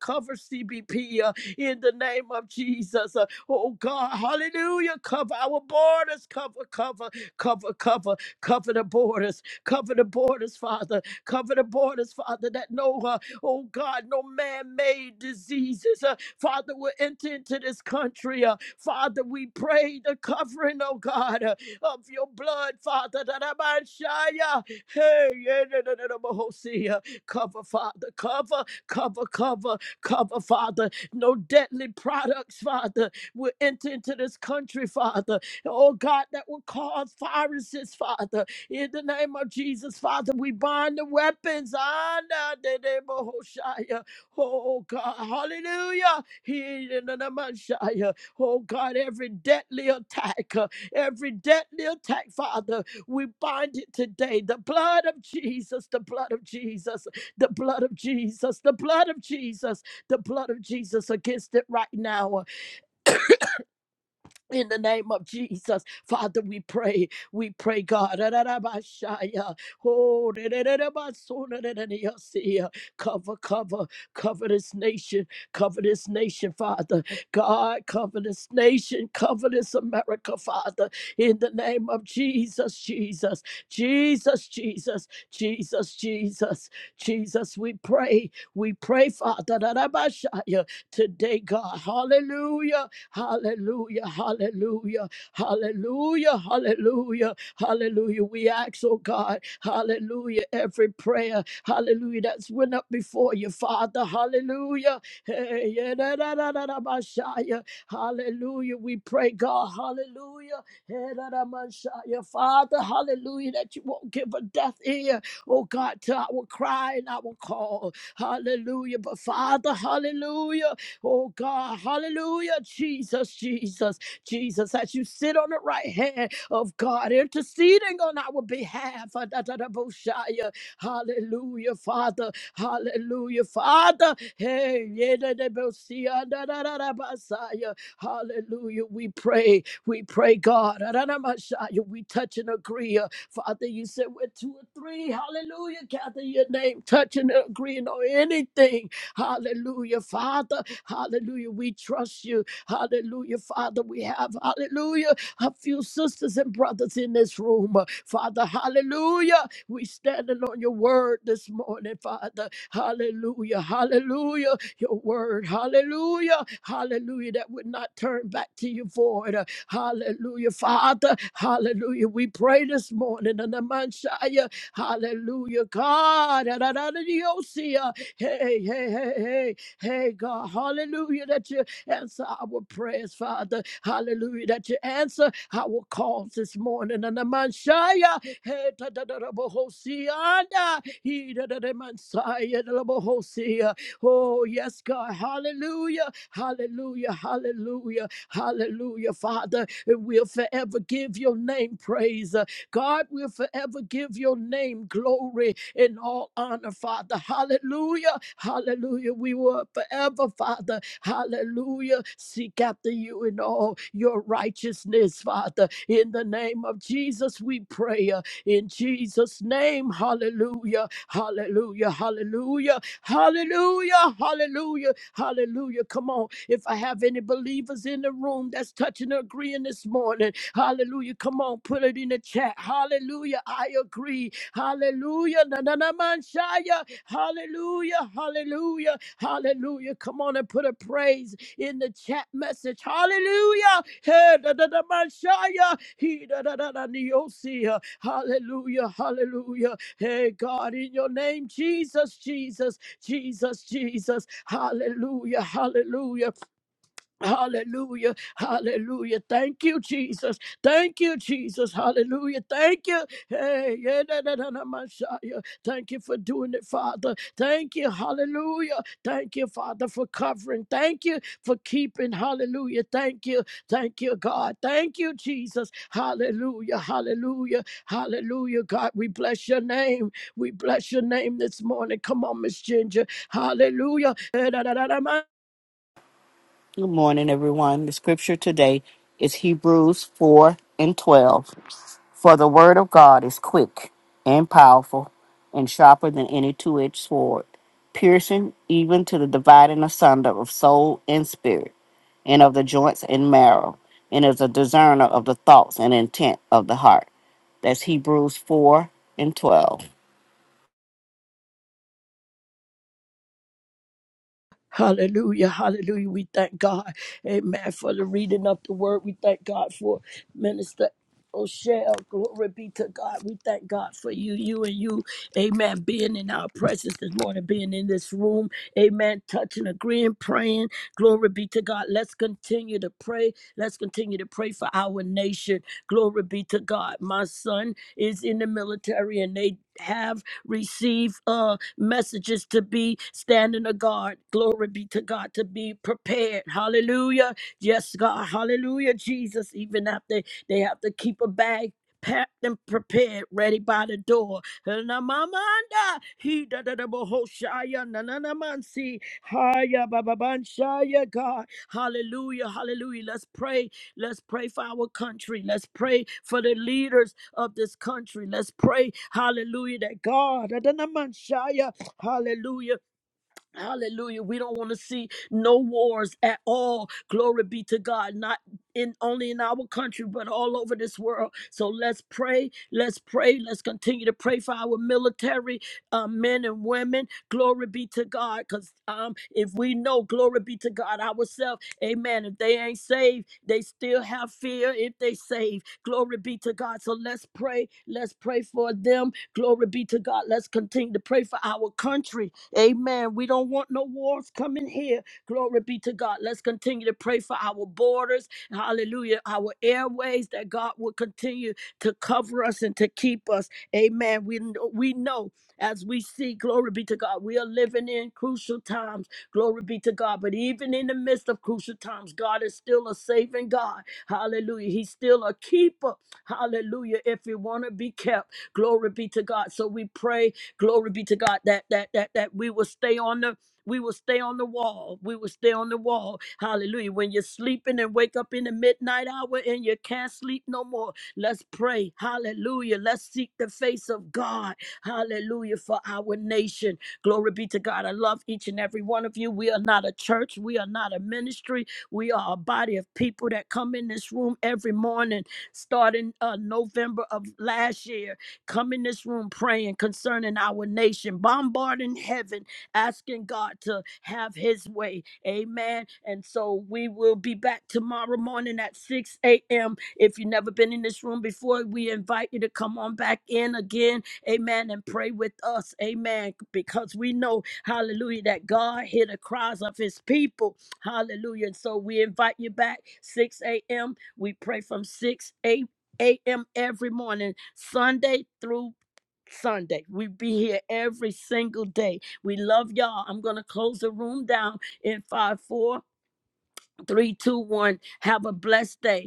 cover CBP uh, in the name of Jesus. uh, Oh God, hallelujah. Cover our borders, cover, cover, cover, cover, cover the borders, cover the borders, Father, cover the borders, Father, that no, uh, oh God, no man made diseases, uh, Father, will enter into this country. Uh, Father, we pray the covering, oh God, uh, of your blood, Father, that I might shine. uh, Hey, yeah, da, da, da, da, oh, see, uh, cover, Father, cover, cover, cover, cover, Father, no deadly products, Father will enter into this country, Father. Oh God, that will cause viruses, Father. In the name of Jesus, Father, we bind the weapons. Ah, nah, de- de- bo- shia. Oh God, hallelujah. He- de- na- na- man- shia. Oh God, every deadly attack, uh, every deadly attack, Father, we bind it today. The blood of Jesus, the blood of Jesus, the blood of Jesus, the blood of Jesus, the blood of Jesus against it right now. In the name of Jesus, Father, we pray. We pray, God. Ra-ra-ra-ba-shaya. Oh, ra-ra-ra-ra-ba-so-na-na-na-na-ya-sia. Cover, cover, cover this nation. Cover this nation, Father. God, cover this nation. Cover this America, Father. In the name of Jesus, Jesus, Jesus, Jesus, Jesus, Jesus, Jesus, we pray. We pray, Father. Ra-ra-ba-shaya. Today, God. Hallelujah. Hallelujah, hallelujah, hallelujah, hallelujah, hallelujah. We ask, oh God, hallelujah, every prayer, hallelujah, that's went up before you, Father, hallelujah. Hey, yeah, da, da, da, da, da, Messiah. Hallelujah. We pray, God, hallelujah. Hey, da, da, Messiah. Father, hallelujah, that you won't give a deaf ear, oh God, to our cry and our call. Hallelujah. But Father, hallelujah. Oh God, hallelujah, Jesus, Jesus, Jesus, as you sit on the right hand of God, interceding on our behalf. Ah, da, da, da, bo, shia. Hallelujah, Father, hallelujah, Father. Hey, yeah, da, da, bo, shia, da, da, da, da, ba, shia. hallelujah, we pray, we pray, God. Ah, da, da, ma, shia. We touch and agree. Ah, Father, you said we're two or three, hallelujah, gather your name, touching and agreeing on anything Hallelujah, Father. Hallelujah. We trust you. Hallelujah, Father. We have, hallelujah, a few sisters and brothers in this room. Father, hallelujah. We standing on your word this morning, Father. Hallelujah. Hallelujah. Your word. Hallelujah. Hallelujah. That would not turn back to you void. Hallelujah. Father. Hallelujah. We pray this morning in the Manshaya. Hallelujah. God. Hey, hey, hey, hey, hey, God. Hallelujah. That you answer our prayers, Father. Hallelujah. That you answer our calls this morning. And the Messiah, hey, da da da da bo- uh, he da da da Messiah, da da uh, Oh, yes, God. Hallelujah. Hallelujah. Hallelujah. Hallelujah, Father. And we'll forever give your name praise. uh, God will forever give your name glory and all honor, Father. Hallelujah. Hallelujah. We will forever, Father. Hallelujah. Seek after you in all your righteousness, Father. In the name of Jesus, we pray. uh, In Jesus' name, hallelujah. Hallelujah. Hallelujah. Hallelujah, hallelujah, hallelujah. Come on. If I have any believers in the room that's touching or agreeing this morning, hallelujah. Come on, put it in the chat. Hallelujah, I agree. Hallelujah, na na na man shaya. Hallelujah, hallelujah, hallelujah. Come on and put a praise in the chat message. Hallelujah, hey, da da da man shaya. He da da da da neosia. Hallelujah, hallelujah. Hey, God, in your name, Jesus, Jesus. Jesus, Jesus. Hallelujah, hallelujah. Hallelujah. Hallelujah. Thank you, Jesus. Thank you, Jesus. Hallelujah. Thank you. Hey, yeah, da, da, da, da, Messiah. Thank you for doing it, Father. Thank you. Hallelujah. Thank you, Father, for covering. Thank you for keeping. Hallelujah. Thank you. Thank you, God. Thank you, Jesus. Hallelujah. Hallelujah. Hallelujah. God, we bless your name. We bless your name this morning. Come on, Miss Ginger. Hallelujah. Eh, Da da da da
Good morning, everyone. The scripture today is Hebrews 4 and 12. For the word of God is quick and powerful and sharper than any two edged sword, piercing even to the dividing asunder of soul and spirit, and of the joints and marrow, and is a discerner of the thoughts and intent of the heart. That's Hebrews 4 and 12.
Hallelujah, hallelujah. We thank God, amen, for the reading of the word. We thank God for Minister O'Shell. Glory be to God. We thank God for you, you and you, amen, being in our presence this morning, being in this room, amen, touching, agreeing, praying. Glory be to God. Let's continue to pray. Let's continue to pray for our nation. Glory be to God. My son is in the military and they have receive uh messages to be standing a guard. Glory be to God to be prepared. Hallelujah. Yes, God. Hallelujah, Jesus. Even after they have to keep a bag packed and prepared, ready by the door. Hanamamanda, he da da da bo shaya, na na na man si, haya ba ba ban shaya, God. Hallelujah, hallelujah. Let's pray Let's pray for our country. Let's pray for the leaders of this country. Let's pray, hallelujah, that God, Adonamashaya, hallelujah. Hallelujah. We don't want to see no wars at all. Glory be to God. Not in only in our country, but all over this world. So let's pray. Let's pray. Let's continue to pray for our military uh, men and women. Glory be to God. Because um, if we know, glory be to God, ourselves. Amen. If they ain't saved, they still have fear if they saved. Glory be to God. So let's pray. Let's pray for them. Glory be to God. Let's continue to pray for our country. Amen. We don't want no wars coming here. Glory be to God. Let's continue to pray for our borders. Hallelujah. Our airways that God will continue to cover us and to keep us. Amen. We, we know as we see, glory be to God, we are living in crucial times Glory be to God. But even in the midst of crucial times, God is still a saving God. Hallelujah. He's still a keeper. Hallelujah. If you want to be kept, glory be to God. So we pray, glory be to God, that that that that we will stay on the we will stay on the wall. We will stay on the wall. Hallelujah. When you're sleeping and wake up in the midnight hour and you can't sleep no more, let's pray. Hallelujah. Let's seek the face of God. Hallelujah for our nation. Glory be to God. I love each and every one of you. We are not a church, we are not a ministry. We are a body of people that come in this room every morning, starting uh, November of last year. Come in this room praying concerning our nation, bombarding heaven, asking God to have his way. Amen. And so we will be back tomorrow morning at 6 a.m. If you've never been in this room before, we invite you to come on back in again Amen. And pray with us. Amen. Because we know, hallelujah, that God hear the cries of his people. Hallelujah. And so we invite you back 6 a.m. We pray from 6 a.m. every morning, Sunday through Sunday. We be here every single day. We love y'all. I'm going to close the room down in five, four, three, two, one. Have a blessed day.